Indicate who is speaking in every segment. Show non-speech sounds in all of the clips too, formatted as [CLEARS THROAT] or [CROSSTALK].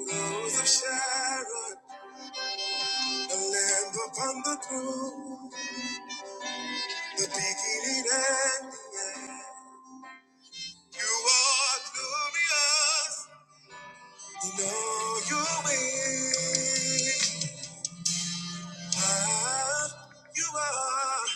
Speaker 1: Rose of Sharon, the lamb upon the throne, the beginning and the end. You are glorious, you know you win. Ah, you are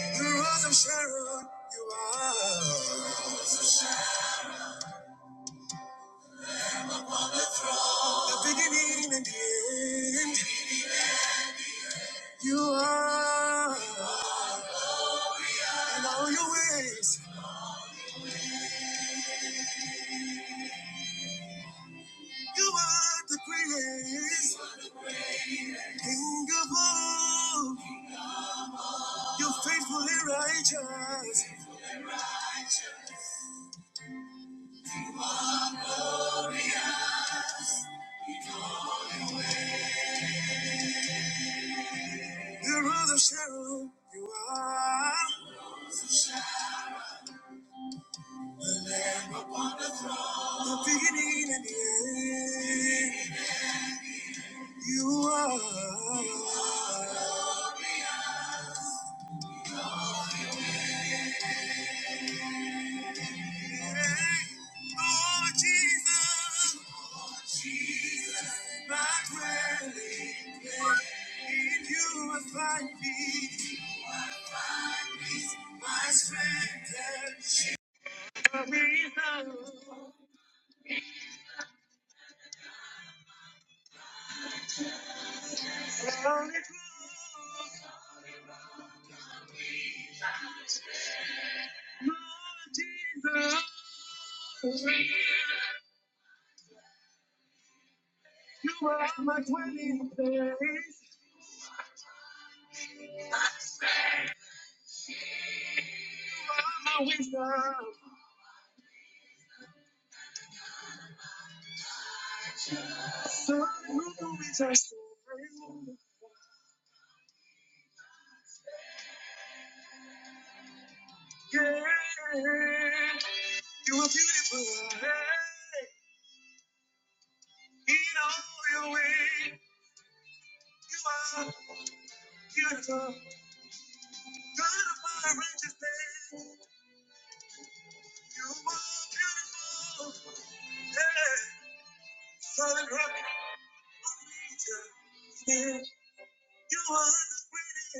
Speaker 1: the Rose of Sharon, you are the beginning and the end. You are, in all your ways, you are the greatest king of all. You are faithfully righteous. You're the shadow. You are the beginning and the end. You are. Oh, Jesus. oh Jesus. My dwelling place. In you I find peace. My strength and shield. You are my dwelling place. You are my wisdom. Some movies are so real. Yeah, you are beautiful. Hey, in all your way, you are beautiful. God of my righteousness, you are beautiful. Yeah, solid rock, I need you. Yeah, you are the greatest.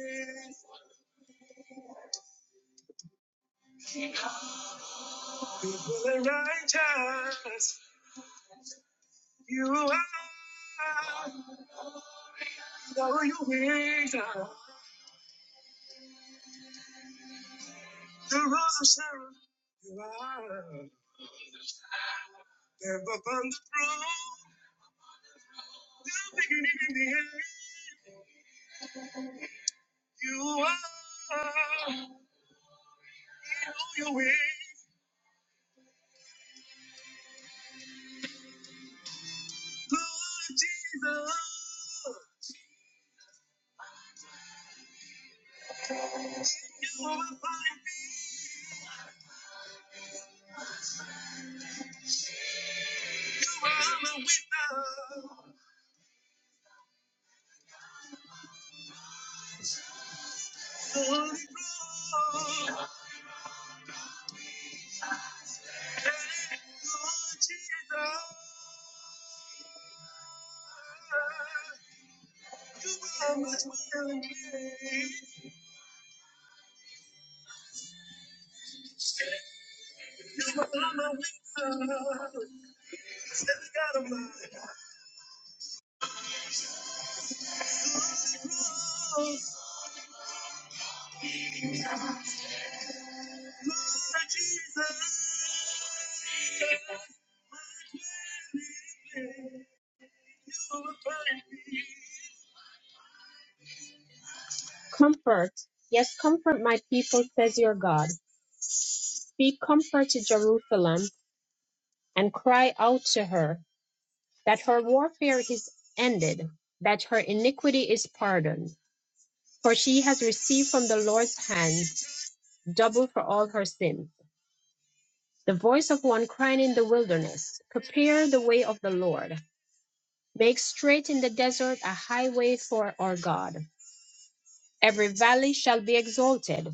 Speaker 1: People are righteous. You are. Now you are. The rose of Sharon, you are. There upon the throne, the beginning and the end, you are. In all your ways, Lord Jesus, you are my find you are my witness. The Holy Ghost, hey, Lord Jesus, you are my dwelling place. You are my witness. Every God of mine. Comfort, yes, comfort my people, says your God. Speak comfort to Jerusalem and cry out to her that her warfare is ended, that her iniquity is pardoned. For she has received from the Lord's hand double for all her sins. The voice of one crying in the wilderness, Prepare the way of the Lord. Make straight in the desert a highway for our God. Every valley shall be exalted,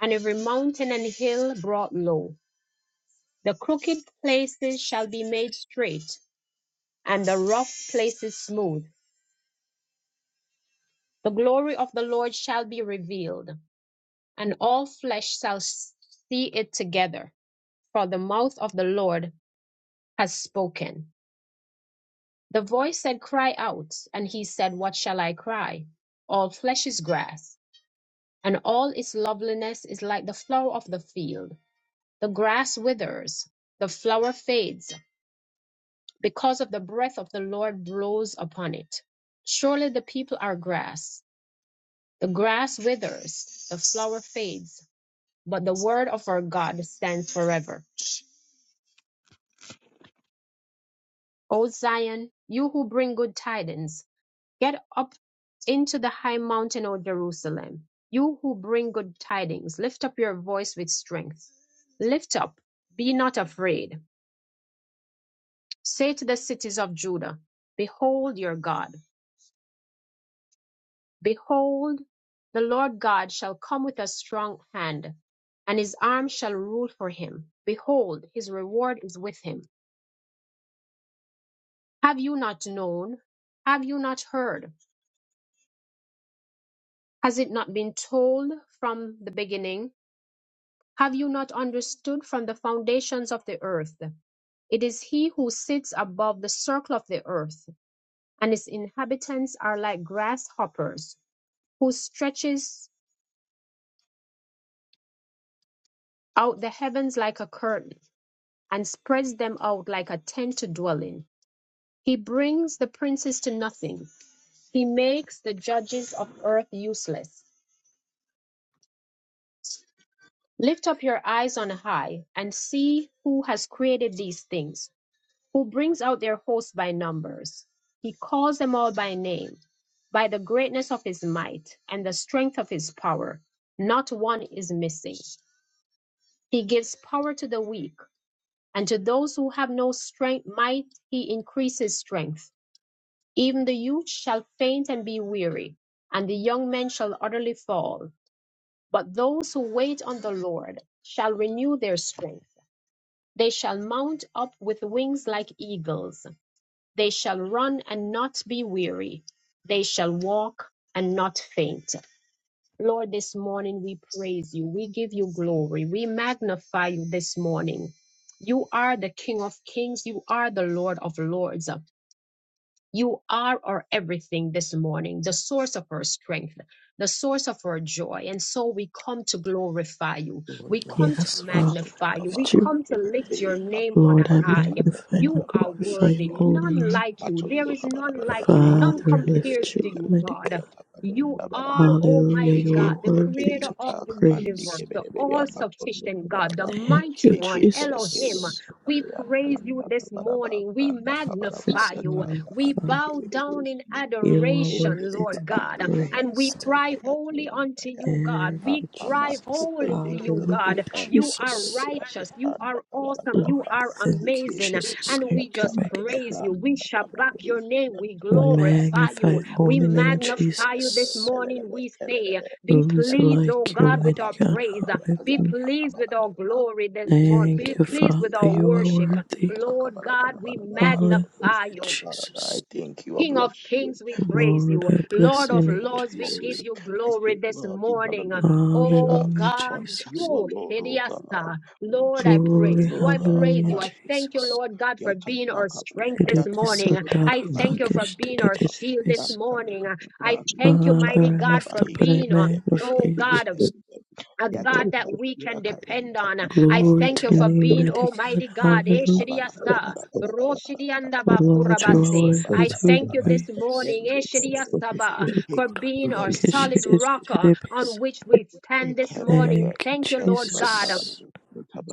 Speaker 1: and every mountain and hill brought low. The crooked places shall be made straight, and the rough places smooth. The glory of the Lord shall be revealed, and all flesh shall see it together, for the mouth of the Lord has spoken. The voice said, Cry out, and he said, What shall I cry? All flesh is grass, and all its loveliness is like the flower of the field. The grass withers, the flower fades because of the breath of the Lord blows upon it. Surely the people are grass. The grass withers, the flower fades, but the word of our God stands forever. O Zion, you who bring good tidings, get up into the high mountain, O Jerusalem. You who bring good tidings, lift up your voice with strength. Lift up, be not afraid. Say to the cities of Judah, Behold your God. Behold, the Lord God shall come with a strong hand, and his arm shall rule for him. Behold, his reward is with him. Have you not known? Have you not heard? Has it not been told from the beginning? Have you not understood from the foundations of the earth? It is he who sits above the circle of the earth, and its inhabitants are like grasshoppers, who stretches out the heavens like a curtain and spreads them out like a tent to dwell in. He brings the princes to nothing. He makes the judges of earth useless. Lift up your eyes on high and see who has created these things, who brings out their hosts by numbers. He calls them all by name, by the greatness of his might and the strength of his power. Not one is missing. He gives power to the weak, and to those who have no strength, might he increases strength. Even the youth shall faint and be weary, and the young men shall utterly fall. But those who wait on the Lord shall renew their strength. They shall mount up with wings like eagles. They shall run and not be weary. They shall walk and not faint. Lord, this morning we praise you. We give you glory. We magnify you this morning. You are the King of kings. You are the Lord of lords. You are our everything this morning, the source of our strength, the source of our joy. And so we come to glorify you. We come
Speaker 2: Dhunemanga
Speaker 1: to
Speaker 3: Yes, Father,
Speaker 2: masoto
Speaker 1: magnify
Speaker 3: I
Speaker 1: you. We
Speaker 3: lift you
Speaker 2: kabanda
Speaker 1: come
Speaker 3: up.
Speaker 1: to
Speaker 2: kebelebe
Speaker 1: lift your name
Speaker 2: kabana
Speaker 1: on
Speaker 3: Lord, I
Speaker 1: high.
Speaker 2: payata
Speaker 3: magnify and I
Speaker 2: kabara
Speaker 1: You are
Speaker 2: bara us
Speaker 3: glorify
Speaker 1: worthy,
Speaker 3: your
Speaker 2: ya
Speaker 3: holy
Speaker 1: none
Speaker 3: name.
Speaker 1: like you. There
Speaker 2: matondo
Speaker 1: is
Speaker 2: kabara
Speaker 1: none
Speaker 2: bara
Speaker 1: like you,
Speaker 2: bahiindi
Speaker 1: none
Speaker 3: Father, I lift
Speaker 1: compares
Speaker 2: kebelebe
Speaker 3: you
Speaker 1: to
Speaker 2: ya
Speaker 3: up,
Speaker 1: you,
Speaker 2: nta
Speaker 3: mighty God.
Speaker 1: God.
Speaker 2: kaya ta
Speaker 1: You
Speaker 2: kabanda bara bu
Speaker 1: are
Speaker 3: Hallelujah,
Speaker 1: Almighty
Speaker 3: you are
Speaker 1: God, the
Speaker 2: ikepelebe
Speaker 3: worthy
Speaker 1: creator
Speaker 3: to
Speaker 2: yata
Speaker 3: be
Speaker 1: of the
Speaker 2: kabanda
Speaker 1: universe,
Speaker 3: praised.
Speaker 1: the
Speaker 2: kebelebe ya
Speaker 1: all
Speaker 2: matondo
Speaker 1: sufficient
Speaker 2: kabara
Speaker 1: God, the
Speaker 2: bara
Speaker 3: Thank
Speaker 1: mighty
Speaker 3: you,
Speaker 1: one,
Speaker 2: ikepelebe ya
Speaker 1: Elohim.
Speaker 3: Jesus.
Speaker 2: nta
Speaker 1: We
Speaker 2: kaya nta
Speaker 1: praise you
Speaker 2: kanda
Speaker 1: this
Speaker 2: bara bara
Speaker 1: morning. We
Speaker 2: kanda kabara
Speaker 3: This
Speaker 1: magnify
Speaker 2: ya
Speaker 1: you.
Speaker 2: ta
Speaker 3: morning,
Speaker 1: We
Speaker 2: kabanda
Speaker 3: Father,
Speaker 1: bow
Speaker 2: kebelebe
Speaker 1: down
Speaker 2: us
Speaker 1: in
Speaker 2: ya
Speaker 3: you are
Speaker 1: adoration,
Speaker 3: worthy
Speaker 2: elleke
Speaker 1: Lord
Speaker 3: to
Speaker 2: a
Speaker 3: be
Speaker 1: God,
Speaker 2: ndi
Speaker 1: and
Speaker 2: kanda
Speaker 1: we
Speaker 3: praised.
Speaker 2: ya
Speaker 1: cry
Speaker 2: kaya ta
Speaker 1: holy
Speaker 2: kanda
Speaker 1: unto
Speaker 2: ya
Speaker 1: you, God.
Speaker 3: Thank
Speaker 2: ha
Speaker 1: We
Speaker 3: you,
Speaker 1: cry
Speaker 2: amatu
Speaker 3: Jesus.
Speaker 1: holy to you,
Speaker 2: indikebelebo
Speaker 3: Hallelujah,
Speaker 1: God. You are
Speaker 2: andikebelebea
Speaker 3: Jesus.
Speaker 1: righteous. You
Speaker 2: yatanda
Speaker 1: are awesome.
Speaker 3: Lord,
Speaker 1: You
Speaker 2: kabalabalaba
Speaker 1: are
Speaker 3: thank you,
Speaker 1: amazing.
Speaker 2: ikeperepe
Speaker 3: Jesus.
Speaker 1: And we
Speaker 3: Thank you,
Speaker 1: just
Speaker 3: mighty
Speaker 2: yantakaya
Speaker 3: God.
Speaker 1: praise you. We
Speaker 2: branda
Speaker 1: shall back your
Speaker 2: kabalabus
Speaker 1: name. We
Speaker 3: We
Speaker 2: yantakayaka
Speaker 1: glorify
Speaker 3: magnify
Speaker 1: you.
Speaker 3: your
Speaker 1: We
Speaker 3: holy name,
Speaker 2: indikebelebe
Speaker 1: magnify you
Speaker 2: kebelebe
Speaker 1: this
Speaker 3: Jesus.
Speaker 1: morning. We say,
Speaker 2: kebelebe
Speaker 1: Be
Speaker 3: Who is
Speaker 2: Yapano
Speaker 1: pleased, oh
Speaker 3: like you,
Speaker 1: God, with
Speaker 3: mighty
Speaker 2: Yaman
Speaker 1: our
Speaker 3: God?
Speaker 1: praise.
Speaker 2: Tokaraya
Speaker 1: Be
Speaker 2: Yan
Speaker 3: Hallelujah.
Speaker 1: pleased with our
Speaker 2: Takabarabaraba
Speaker 1: glory this
Speaker 2: Wiki
Speaker 1: morning. Be
Speaker 3: Thank you,
Speaker 2: Perepe
Speaker 1: pleased
Speaker 3: Father.
Speaker 1: with our
Speaker 3: You
Speaker 2: Ikapa
Speaker 3: are
Speaker 1: worship.
Speaker 2: Yapano
Speaker 3: worthy.
Speaker 1: Lord God, we
Speaker 2: Takabarabaraba Todos
Speaker 1: magnify
Speaker 3: Hallelujah,
Speaker 2: ya
Speaker 1: you.
Speaker 2: Father,
Speaker 3: Jesus.
Speaker 2: I thank you, I
Speaker 1: King of
Speaker 2: bless you.
Speaker 1: kings, we
Speaker 2: I give
Speaker 1: praise
Speaker 2: you
Speaker 3: Lord,
Speaker 1: you.
Speaker 3: I
Speaker 2: praise, I
Speaker 3: bless
Speaker 1: Lord
Speaker 3: your
Speaker 2: give
Speaker 1: of
Speaker 2: you
Speaker 3: name,
Speaker 2: all the
Speaker 1: lords, we give
Speaker 3: Jesus.
Speaker 2: glory.
Speaker 1: you
Speaker 2: I say,
Speaker 1: glory this
Speaker 2: Worthy,
Speaker 1: morning. Oh
Speaker 2: hallelujah.
Speaker 3: Hallelujah,
Speaker 1: God,
Speaker 2: Unto you
Speaker 3: Jesus.
Speaker 1: oh
Speaker 2: alone, O God.
Speaker 1: Shediasta.
Speaker 2: Unto
Speaker 1: Lord, I
Speaker 2: you alone,
Speaker 3: Glory,
Speaker 1: praise you.
Speaker 2: O
Speaker 1: I
Speaker 2: God.
Speaker 1: praise
Speaker 3: hallelujah,
Speaker 1: you. I
Speaker 2: Master,
Speaker 1: thank
Speaker 2: O
Speaker 1: you,
Speaker 3: Jesus.
Speaker 2: God.
Speaker 1: Lord God, for being
Speaker 2: Yatanda
Speaker 1: our strength
Speaker 2: Kabayaba,
Speaker 1: this
Speaker 3: Tidibis
Speaker 2: Yatanda
Speaker 1: morning. I
Speaker 3: atara
Speaker 4: Jesus,
Speaker 2: Kabayaba,
Speaker 1: thank you for
Speaker 3: pakish
Speaker 2: Ikapa
Speaker 1: being our
Speaker 2: yapa.
Speaker 1: shield this
Speaker 3: tidididibis.
Speaker 1: morning. I thank you, mighty
Speaker 3: Father, I
Speaker 1: God,
Speaker 3: lift
Speaker 1: for
Speaker 3: up and I
Speaker 1: being, uh, oh
Speaker 3: magnify you,
Speaker 1: God
Speaker 4: let us
Speaker 3: Jesus.
Speaker 1: a God that we can depend on. I
Speaker 3: Glory
Speaker 1: thank
Speaker 3: to
Speaker 1: you
Speaker 3: your
Speaker 1: for
Speaker 3: name,
Speaker 1: being
Speaker 3: mighty
Speaker 2: Yantaka
Speaker 3: God.
Speaker 1: Almighty God.
Speaker 3: Hallelujah.
Speaker 1: Eshidiyasa,
Speaker 3: Lord, you are
Speaker 1: Roshidiyandabakurabase.
Speaker 3: worthy
Speaker 1: I
Speaker 3: to be
Speaker 1: thank you this
Speaker 4: sing.
Speaker 3: praised.
Speaker 1: morning
Speaker 4: Jesus, let us
Speaker 1: Eshidiyasaba,
Speaker 4: sing.
Speaker 1: for being
Speaker 4: Thank
Speaker 1: our
Speaker 4: you,
Speaker 3: Thank
Speaker 1: solid
Speaker 4: Jesus.
Speaker 1: rock uh, on which we stand this morning.
Speaker 2: Ikebelebe
Speaker 3: you,
Speaker 1: Thank you,
Speaker 4: I'm
Speaker 1: Lord
Speaker 4: so
Speaker 2: yatubanda
Speaker 1: God.
Speaker 3: Jesus.
Speaker 2: barabu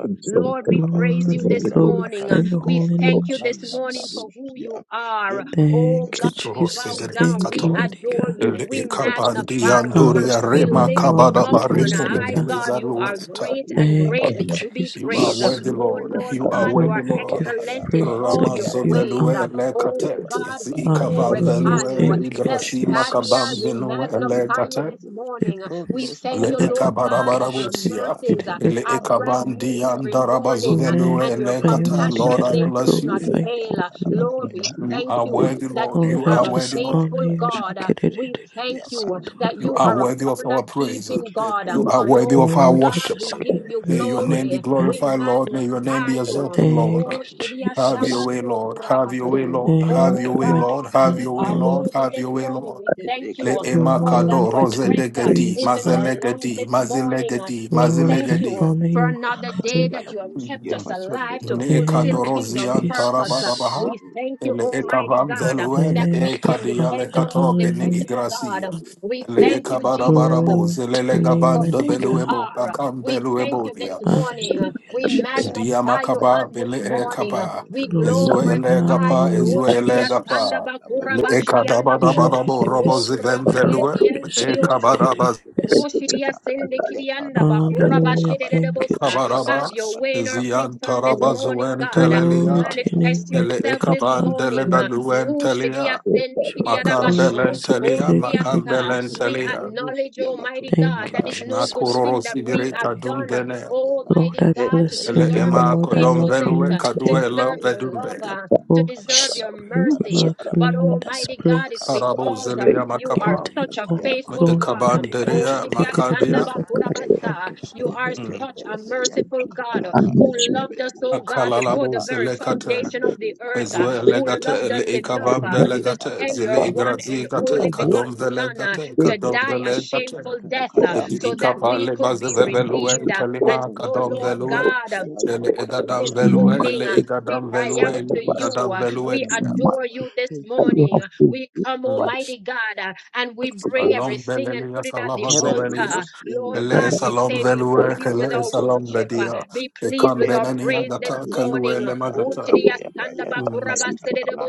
Speaker 4: thankful. So
Speaker 2: barabu
Speaker 1: Lord, we
Speaker 4: thankful
Speaker 2: kabanda
Speaker 4: to
Speaker 1: praise
Speaker 4: the
Speaker 1: you
Speaker 3: Lord, we
Speaker 2: siya
Speaker 4: Holy
Speaker 1: this
Speaker 4: Ghost.
Speaker 1: morning.
Speaker 2: yantakara
Speaker 3: glorify
Speaker 1: Uh,
Speaker 4: Thank
Speaker 3: your
Speaker 4: you,
Speaker 2: yaka
Speaker 1: We
Speaker 3: holy
Speaker 2: yaka
Speaker 4: Lord.
Speaker 1: thank
Speaker 2: yaka
Speaker 3: name,
Speaker 1: you this
Speaker 2: banda
Speaker 1: morning
Speaker 2: barabu
Speaker 3: Jesus.
Speaker 1: for who
Speaker 2: siya
Speaker 1: you are.
Speaker 2: yende
Speaker 1: Oh
Speaker 3: Thank
Speaker 2: kebelebe
Speaker 3: you,
Speaker 1: God, we
Speaker 2: belebe
Speaker 5: Katorose
Speaker 1: bow
Speaker 3: Jesus.
Speaker 5: de
Speaker 2: belebe
Speaker 1: down.
Speaker 3: Thank
Speaker 4: Thank
Speaker 1: We
Speaker 3: you,
Speaker 5: Kato,
Speaker 3: mighty
Speaker 4: you,
Speaker 2: belebe
Speaker 1: adore
Speaker 3: God.
Speaker 1: you.
Speaker 4: thank
Speaker 5: Ele
Speaker 1: We
Speaker 2: ikapa
Speaker 4: you,
Speaker 2: yapa
Speaker 5: Ikapandi
Speaker 4: thank you.
Speaker 1: magnify
Speaker 2: yata
Speaker 1: you.
Speaker 4: Bless your
Speaker 1: We
Speaker 4: name. Bless your
Speaker 5: Rema
Speaker 3: Hallelujah.
Speaker 2: kabanda
Speaker 4: name.
Speaker 1: lift
Speaker 3: You are
Speaker 1: you
Speaker 2: barabu
Speaker 5: Kabada
Speaker 4: We
Speaker 1: up
Speaker 3: worthy,
Speaker 2: siya
Speaker 1: on
Speaker 4: bless
Speaker 5: Barika
Speaker 3: mighty
Speaker 4: your
Speaker 1: high.
Speaker 4: name.
Speaker 2: matu
Speaker 3: God.
Speaker 1: God, you
Speaker 2: karanda
Speaker 1: are
Speaker 2: yaka
Speaker 5: Elizalueta.
Speaker 1: great
Speaker 2: banda
Speaker 1: and
Speaker 2: baraba
Speaker 3: Thank
Speaker 4: Father,
Speaker 1: greatly
Speaker 3: you,
Speaker 2: yaba
Speaker 1: to be
Speaker 5: You
Speaker 4: we
Speaker 5: are
Speaker 4: are
Speaker 1: praised. Uh,
Speaker 4: but
Speaker 3: Jesus.
Speaker 2: ikaya
Speaker 5: worthy,
Speaker 4: we
Speaker 1: Oh
Speaker 5: Lord.
Speaker 4: are
Speaker 2: tabanda
Speaker 1: Lord
Speaker 5: You
Speaker 4: but
Speaker 5: are
Speaker 4: not
Speaker 2: barabe
Speaker 1: God, you
Speaker 5: worthy,
Speaker 3: Lord,
Speaker 1: are
Speaker 3: I
Speaker 4: but
Speaker 2: yantada
Speaker 5: Lord.
Speaker 3: give you
Speaker 2: kaya
Speaker 1: excellent in
Speaker 3: praise.
Speaker 4: to
Speaker 2: branda
Speaker 3: I
Speaker 1: all
Speaker 4: you.
Speaker 1: your
Speaker 3: give
Speaker 2: baraba
Speaker 3: you
Speaker 2: baraba
Speaker 1: ways.
Speaker 3: honor.
Speaker 5: Ramazovelue
Speaker 1: Uh,
Speaker 5: ele
Speaker 2: baraba
Speaker 4: We
Speaker 2: baraba
Speaker 4: give
Speaker 1: Oh
Speaker 2: baraba
Speaker 5: katet,
Speaker 4: you the
Speaker 1: God,
Speaker 5: is
Speaker 1: we
Speaker 4: thanks
Speaker 5: ikavan
Speaker 4: and the
Speaker 3: Hallelujah.
Speaker 4: praise.
Speaker 1: glorify
Speaker 5: velue
Speaker 1: you.
Speaker 5: le
Speaker 3: Thank you,
Speaker 1: El
Speaker 5: igrasi
Speaker 2: Tekebeyata
Speaker 1: Shaddai,
Speaker 5: makabam
Speaker 1: we
Speaker 3: Jesus.
Speaker 2: yantaka
Speaker 5: vinu ele
Speaker 1: magnify you
Speaker 5: katet,
Speaker 1: this
Speaker 2: handikebelebo.
Speaker 1: morning. We thank
Speaker 2: Prodlosia
Speaker 5: le
Speaker 1: you, Lord
Speaker 2: kayataka
Speaker 1: God, that your
Speaker 2: kayataka
Speaker 5: ikabarababusia,
Speaker 4: Thank
Speaker 1: mercies
Speaker 5: ele
Speaker 2: kayataka
Speaker 1: are brand
Speaker 2: hindi
Speaker 1: new
Speaker 5: ikabandi
Speaker 1: every
Speaker 2: kayataka.
Speaker 1: morning, uh,
Speaker 5: andarabazovelue
Speaker 1: and your
Speaker 5: ele
Speaker 3: Magnify you,
Speaker 5: gata.
Speaker 3: mighty
Speaker 2: Handikebelebelebelebe
Speaker 5: Lord,
Speaker 1: compassions,
Speaker 3: God,
Speaker 5: I
Speaker 3: and
Speaker 1: they
Speaker 3: I
Speaker 1: do
Speaker 5: bless
Speaker 4: you,
Speaker 1: not
Speaker 5: you.
Speaker 3: glorify
Speaker 4: Lord.
Speaker 2: yantanabarabaya
Speaker 3: your
Speaker 1: fail.
Speaker 3: holy
Speaker 1: Uh,
Speaker 4: Thank
Speaker 3: name.
Speaker 4: you,
Speaker 1: Lord,
Speaker 2: yantanabarabaya
Speaker 1: we
Speaker 4: Jesus.
Speaker 5: You
Speaker 1: thank
Speaker 5: are
Speaker 1: you
Speaker 4: Thank
Speaker 5: worthy,
Speaker 2: yantanabarabaya.
Speaker 1: that
Speaker 5: Lord.
Speaker 1: you
Speaker 3: Lord,
Speaker 5: You
Speaker 3: I
Speaker 5: are
Speaker 1: are a
Speaker 5: worthy,
Speaker 3: just
Speaker 5: Lord.
Speaker 3: honor
Speaker 1: faithful
Speaker 2: Ikamayamaya
Speaker 3: you.
Speaker 1: God. Uh, We
Speaker 2: matondlosia
Speaker 1: thank you that
Speaker 5: You
Speaker 2: karanaya
Speaker 1: you
Speaker 5: are
Speaker 3: Shikididididibisodorababa.
Speaker 1: are a
Speaker 5: worthy of
Speaker 2: karanaya.
Speaker 5: our
Speaker 1: covenant
Speaker 5: praise.
Speaker 1: keeping God. Uh,
Speaker 5: You
Speaker 4: you,
Speaker 2: Ekepelepe
Speaker 5: are worthy of
Speaker 1: Lord
Speaker 5: our
Speaker 3: Lord, I
Speaker 2: ekepelepe
Speaker 1: God,
Speaker 5: worship.
Speaker 1: we
Speaker 3: just give
Speaker 1: give you
Speaker 5: May
Speaker 3: you
Speaker 5: your
Speaker 2: ekepelepe
Speaker 3: honor,
Speaker 5: name be
Speaker 1: glory. We
Speaker 3: mighty
Speaker 5: glorified,
Speaker 3: God.
Speaker 2: ekepelepe
Speaker 5: Lord. May your name
Speaker 1: magnify
Speaker 5: be
Speaker 1: you.
Speaker 5: exalted, Lord.
Speaker 1: Oh,
Speaker 3: Thank you,
Speaker 1: Shidia
Speaker 5: Have your
Speaker 3: Jesus.
Speaker 5: way,
Speaker 1: Sabando
Speaker 5: Lord. Have your
Speaker 2: that's
Speaker 5: way,
Speaker 2: why
Speaker 1: Kurabase.
Speaker 5: Lord.
Speaker 2: I'm
Speaker 5: Have
Speaker 1: Oh,
Speaker 3: Thank
Speaker 5: your
Speaker 3: you,
Speaker 5: way, Lord.
Speaker 3: mighty
Speaker 1: God,
Speaker 5: Have
Speaker 3: God.
Speaker 1: you
Speaker 5: your way,
Speaker 1: are
Speaker 3: Hallelujah.
Speaker 5: Lord.
Speaker 1: worthy
Speaker 5: Have
Speaker 1: this
Speaker 5: your way,
Speaker 1: morning.
Speaker 5: Lord.
Speaker 1: We thank
Speaker 5: Le
Speaker 1: you
Speaker 3: You
Speaker 5: emakado
Speaker 3: are
Speaker 1: for that your
Speaker 3: worthy to
Speaker 5: rose
Speaker 1: breath
Speaker 3: be
Speaker 1: uh,
Speaker 5: degadi
Speaker 3: praised,
Speaker 1: is in our
Speaker 3: Father.
Speaker 1: lungs
Speaker 5: mazelegadi
Speaker 1: this morning. Uh,
Speaker 5: mazelegadi
Speaker 1: we
Speaker 3: Lord,
Speaker 1: thank
Speaker 3: I
Speaker 1: you
Speaker 5: mazelegadi.
Speaker 1: uh,
Speaker 3: honor
Speaker 1: for
Speaker 3: you.
Speaker 1: another day that
Speaker 3: Hallelujah.
Speaker 1: you have kept us alive to
Speaker 5: Ne eka
Speaker 1: fulfill
Speaker 3: Thank you,
Speaker 1: kingdom
Speaker 5: dorozian
Speaker 1: purpose. Uh,
Speaker 3: Jesus.
Speaker 5: tarabarabaha.
Speaker 1: we
Speaker 2: here.
Speaker 1: thank you,
Speaker 5: Ele eka
Speaker 2: Kabala,
Speaker 1: Almighty
Speaker 5: van
Speaker 1: God, uh,
Speaker 5: velue ne
Speaker 1: that we
Speaker 3: Thank you,
Speaker 5: eka
Speaker 1: can
Speaker 5: diale
Speaker 1: depend
Speaker 3: Father.
Speaker 1: on
Speaker 5: kato
Speaker 1: you,
Speaker 5: bene
Speaker 1: dependable
Speaker 3: Hallelujah.
Speaker 1: God.
Speaker 5: igracia.
Speaker 1: Uh, We
Speaker 5: Ele
Speaker 4: Lord.
Speaker 1: thank
Speaker 5: eka
Speaker 1: you, Jesus. uh,
Speaker 5: barabarabo
Speaker 3: Glory to
Speaker 4: Thank
Speaker 5: zelele
Speaker 3: your name,
Speaker 5: gaban
Speaker 1: for
Speaker 5: de
Speaker 1: who
Speaker 3: mighty
Speaker 1: you
Speaker 3: God.
Speaker 5: beluebo
Speaker 1: are.
Speaker 5: bakam
Speaker 1: We thank
Speaker 5: beluebo
Speaker 1: you this
Speaker 5: dia.
Speaker 1: morning.
Speaker 4: you.
Speaker 3: Hallelujah,
Speaker 1: We
Speaker 3: Jesus.
Speaker 5: Dia
Speaker 1: magnify you on
Speaker 5: makaba
Speaker 1: this
Speaker 5: bele eka
Speaker 1: morning.
Speaker 5: ba.
Speaker 1: We
Speaker 5: Ezue
Speaker 3: Glory,
Speaker 5: ele
Speaker 1: glorify
Speaker 5: gapa
Speaker 1: you.
Speaker 3: hallelujah,
Speaker 5: ezue ele
Speaker 1: Oshidiya
Speaker 3: Jesus.
Speaker 1: sanda
Speaker 5: gapa.
Speaker 1: bakura
Speaker 5: Le eka
Speaker 1: bashidianda bo.
Speaker 5: dabarabarabo robo
Speaker 1: Ro
Speaker 3: Jedidibisu
Speaker 5: ziven
Speaker 1: kuraba
Speaker 5: velue.
Speaker 1: yendi en
Speaker 3: korabakis,
Speaker 1: shidi
Speaker 5: Eka
Speaker 1: onsubu.
Speaker 5: barabaz
Speaker 1: Ro
Speaker 3: jedididibisu.
Speaker 1: sende kidianda bakura
Speaker 3: Hallelujah,
Speaker 1: bashidede
Speaker 3: thank you,
Speaker 1: have
Speaker 5: kabaraba.
Speaker 3: Jesus.
Speaker 1: your way in our
Speaker 5: Ezian
Speaker 1: midst on this morning,
Speaker 5: tarabazuen
Speaker 1: God.
Speaker 5: telelia.
Speaker 3: Glory to your name,
Speaker 1: Manifest
Speaker 5: Ele
Speaker 3: mighty
Speaker 1: yourself
Speaker 3: God,
Speaker 1: this morning.
Speaker 3: hallelujah.
Speaker 1: Woo, shidia
Speaker 5: Elekabandelebaluentelia,
Speaker 1: sendi kidia dabasho.
Speaker 3: Shodororobosu,
Speaker 1: Oh,
Speaker 5: Macambelentelia,
Speaker 1: shidia sa.
Speaker 2: Yatanda
Speaker 3: jedididibisu.
Speaker 1: We
Speaker 2: kabanda
Speaker 5: Macambelentelia,
Speaker 2: barabus
Speaker 1: acknowledge, Almighty
Speaker 2: yamatolo
Speaker 1: God,
Speaker 3: Thank you,
Speaker 1: that
Speaker 2: kabara
Speaker 1: is
Speaker 2: bara
Speaker 1: no
Speaker 2: bara
Speaker 1: good
Speaker 2: bara
Speaker 3: Jesus.
Speaker 1: thing
Speaker 5: Nakuroro
Speaker 2: yanta
Speaker 1: that we
Speaker 5: Sibire
Speaker 2: kabaya
Speaker 1: have
Speaker 2: bara
Speaker 3: Worthy.
Speaker 1: done,
Speaker 2: kabaya bara
Speaker 5: Kadumbene,
Speaker 2: kabaya bara
Speaker 3: Lord,
Speaker 1: Almighty
Speaker 3: I
Speaker 1: God,
Speaker 2: hende
Speaker 1: to
Speaker 3: bless
Speaker 2: bere
Speaker 3: your
Speaker 2: be
Speaker 5: Ele
Speaker 1: deserve
Speaker 3: name.
Speaker 1: your
Speaker 5: Ema
Speaker 2: kabaya
Speaker 3: Lord, I
Speaker 2: bara bara
Speaker 3: love on
Speaker 1: faithfulness,
Speaker 5: Colomvelue,
Speaker 2: bara
Speaker 3: you
Speaker 1: to
Speaker 3: today.
Speaker 5: Caduela
Speaker 1: deserve your
Speaker 5: Vedumbe,
Speaker 2: bara
Speaker 1: love, to
Speaker 2: matolo
Speaker 3: Holy
Speaker 2: kabara
Speaker 1: deserve
Speaker 2: bara
Speaker 1: your
Speaker 2: bara
Speaker 3: Spirit, we
Speaker 2: kabara bara
Speaker 1: mercies.
Speaker 2: bara bara
Speaker 3: welcome
Speaker 1: But
Speaker 3: you in this
Speaker 1: Almighty God, it's
Speaker 2: kabara bara bara bara
Speaker 3: place.
Speaker 2: kabara bara
Speaker 5: Carabo
Speaker 2: bara
Speaker 1: because um,
Speaker 2: bara
Speaker 5: Zelia
Speaker 1: you are
Speaker 3: You
Speaker 5: Macapa,
Speaker 3: take
Speaker 2: yatanda
Speaker 1: such a
Speaker 3: all
Speaker 2: siya
Speaker 3: the
Speaker 1: faithful
Speaker 2: bantu
Speaker 3: glory,
Speaker 1: God.
Speaker 2: kabara
Speaker 1: um,
Speaker 3: mighty
Speaker 2: bara
Speaker 3: God.
Speaker 2: bara
Speaker 1: Oh,
Speaker 3: She
Speaker 5: Ekabanderia
Speaker 2: hek
Speaker 3: did
Speaker 2: hek
Speaker 3: it.
Speaker 2: bere
Speaker 3: It
Speaker 1: Shidiakanda
Speaker 2: be
Speaker 5: Macadia,
Speaker 3: is the God
Speaker 2: hek hek
Speaker 3: of
Speaker 1: Bakurabasa,
Speaker 2: bere be
Speaker 1: you
Speaker 3: Frankenstein.
Speaker 1: are
Speaker 2: hek hek
Speaker 1: such a
Speaker 2: bere be yanta
Speaker 1: merciful God
Speaker 2: kabara
Speaker 1: uh,
Speaker 2: bara
Speaker 1: who
Speaker 2: hende
Speaker 1: loved
Speaker 2: bere
Speaker 1: us, oh
Speaker 2: bus
Speaker 1: God, before
Speaker 5: Akalalabo
Speaker 1: the
Speaker 2: yata
Speaker 1: very
Speaker 2: kabanda
Speaker 5: Zelecate,
Speaker 1: foundation of
Speaker 2: kabara be
Speaker 1: the earth, uh,
Speaker 5: Ezue
Speaker 2: kabranda
Speaker 1: who
Speaker 2: siya
Speaker 5: Legate,
Speaker 1: loved us
Speaker 2: yanta
Speaker 5: Ele
Speaker 2: kabaya
Speaker 1: enough
Speaker 5: Ekavan
Speaker 1: uh, to
Speaker 2: Heka
Speaker 5: Velegate,
Speaker 1: send
Speaker 2: paya
Speaker 5: Zile
Speaker 1: your one
Speaker 2: pahandi
Speaker 1: and
Speaker 2: bere
Speaker 5: Igrazigate,
Speaker 1: only
Speaker 2: bo
Speaker 5: Cadom
Speaker 1: begotten Son uh,
Speaker 5: Velegate,
Speaker 1: to
Speaker 5: kadom
Speaker 2: Heke
Speaker 1: die a
Speaker 2: kanabe
Speaker 5: velegate,
Speaker 1: shameful
Speaker 2: antuna
Speaker 1: death uh,
Speaker 2: kaya
Speaker 1: so that
Speaker 2: matundu
Speaker 5: Ikapa
Speaker 1: we
Speaker 2: ya
Speaker 1: could
Speaker 5: lebaz
Speaker 1: be
Speaker 2: kabanda
Speaker 5: velue
Speaker 1: redeemed.
Speaker 2: balado
Speaker 1: uh, And
Speaker 5: telima
Speaker 1: so,
Speaker 2: yantada
Speaker 5: kadam
Speaker 2: ya
Speaker 1: Lord
Speaker 5: velue
Speaker 1: God,
Speaker 2: yantada
Speaker 1: uh,
Speaker 2: ya
Speaker 5: ele
Speaker 2: yantada ya
Speaker 5: egadam
Speaker 1: this
Speaker 5: velue
Speaker 2: yantada ya
Speaker 1: morning.
Speaker 5: ele
Speaker 1: uh,
Speaker 2: yantada
Speaker 1: we
Speaker 5: egadam
Speaker 2: ya
Speaker 1: cry
Speaker 5: velue
Speaker 1: out
Speaker 5: ele
Speaker 1: to
Speaker 2: kabanda balaba
Speaker 1: you.
Speaker 5: egadam
Speaker 1: uh,
Speaker 5: velue
Speaker 1: we
Speaker 2: kabanda
Speaker 5: dia.
Speaker 2: balaba
Speaker 1: adore you this
Speaker 2: heke
Speaker 1: morning.
Speaker 4: have
Speaker 1: uh,
Speaker 4: to
Speaker 1: we
Speaker 4: do
Speaker 1: come,
Speaker 4: right
Speaker 1: Almighty God, uh, and we
Speaker 4: to
Speaker 1: bring
Speaker 5: Salom
Speaker 4: go
Speaker 1: everything and
Speaker 5: belelia
Speaker 1: put it at the
Speaker 5: salava
Speaker 2: kebele budu
Speaker 1: altar.
Speaker 5: zovelia
Speaker 2: bus yanda
Speaker 1: Lord
Speaker 5: ele
Speaker 4: Thank
Speaker 2: kaya
Speaker 1: God, we
Speaker 2: kabanda
Speaker 5: esalom
Speaker 1: say,
Speaker 2: bara
Speaker 1: be
Speaker 2: bara
Speaker 5: velue
Speaker 2: bara
Speaker 1: pleased
Speaker 2: bara
Speaker 5: ele
Speaker 1: with our
Speaker 2: bara bara
Speaker 5: esalom
Speaker 2: bara
Speaker 1: worship.
Speaker 2: bara
Speaker 1: uh,
Speaker 2: bara
Speaker 5: bedia.
Speaker 2: bara
Speaker 1: be pleased
Speaker 5: Ekam
Speaker 1: with our
Speaker 2: heke
Speaker 5: benenia
Speaker 2: baya
Speaker 1: praise this
Speaker 2: pa
Speaker 5: gata
Speaker 2: heke
Speaker 5: kalue
Speaker 1: morning.
Speaker 2: baya
Speaker 5: le
Speaker 2: pa
Speaker 1: Oh,
Speaker 2: heke
Speaker 5: magata.
Speaker 1: Shri
Speaker 2: baya pa
Speaker 1: Asanda
Speaker 2: yanta
Speaker 1: Bakura
Speaker 2: kaya
Speaker 1: Basere
Speaker 2: takaba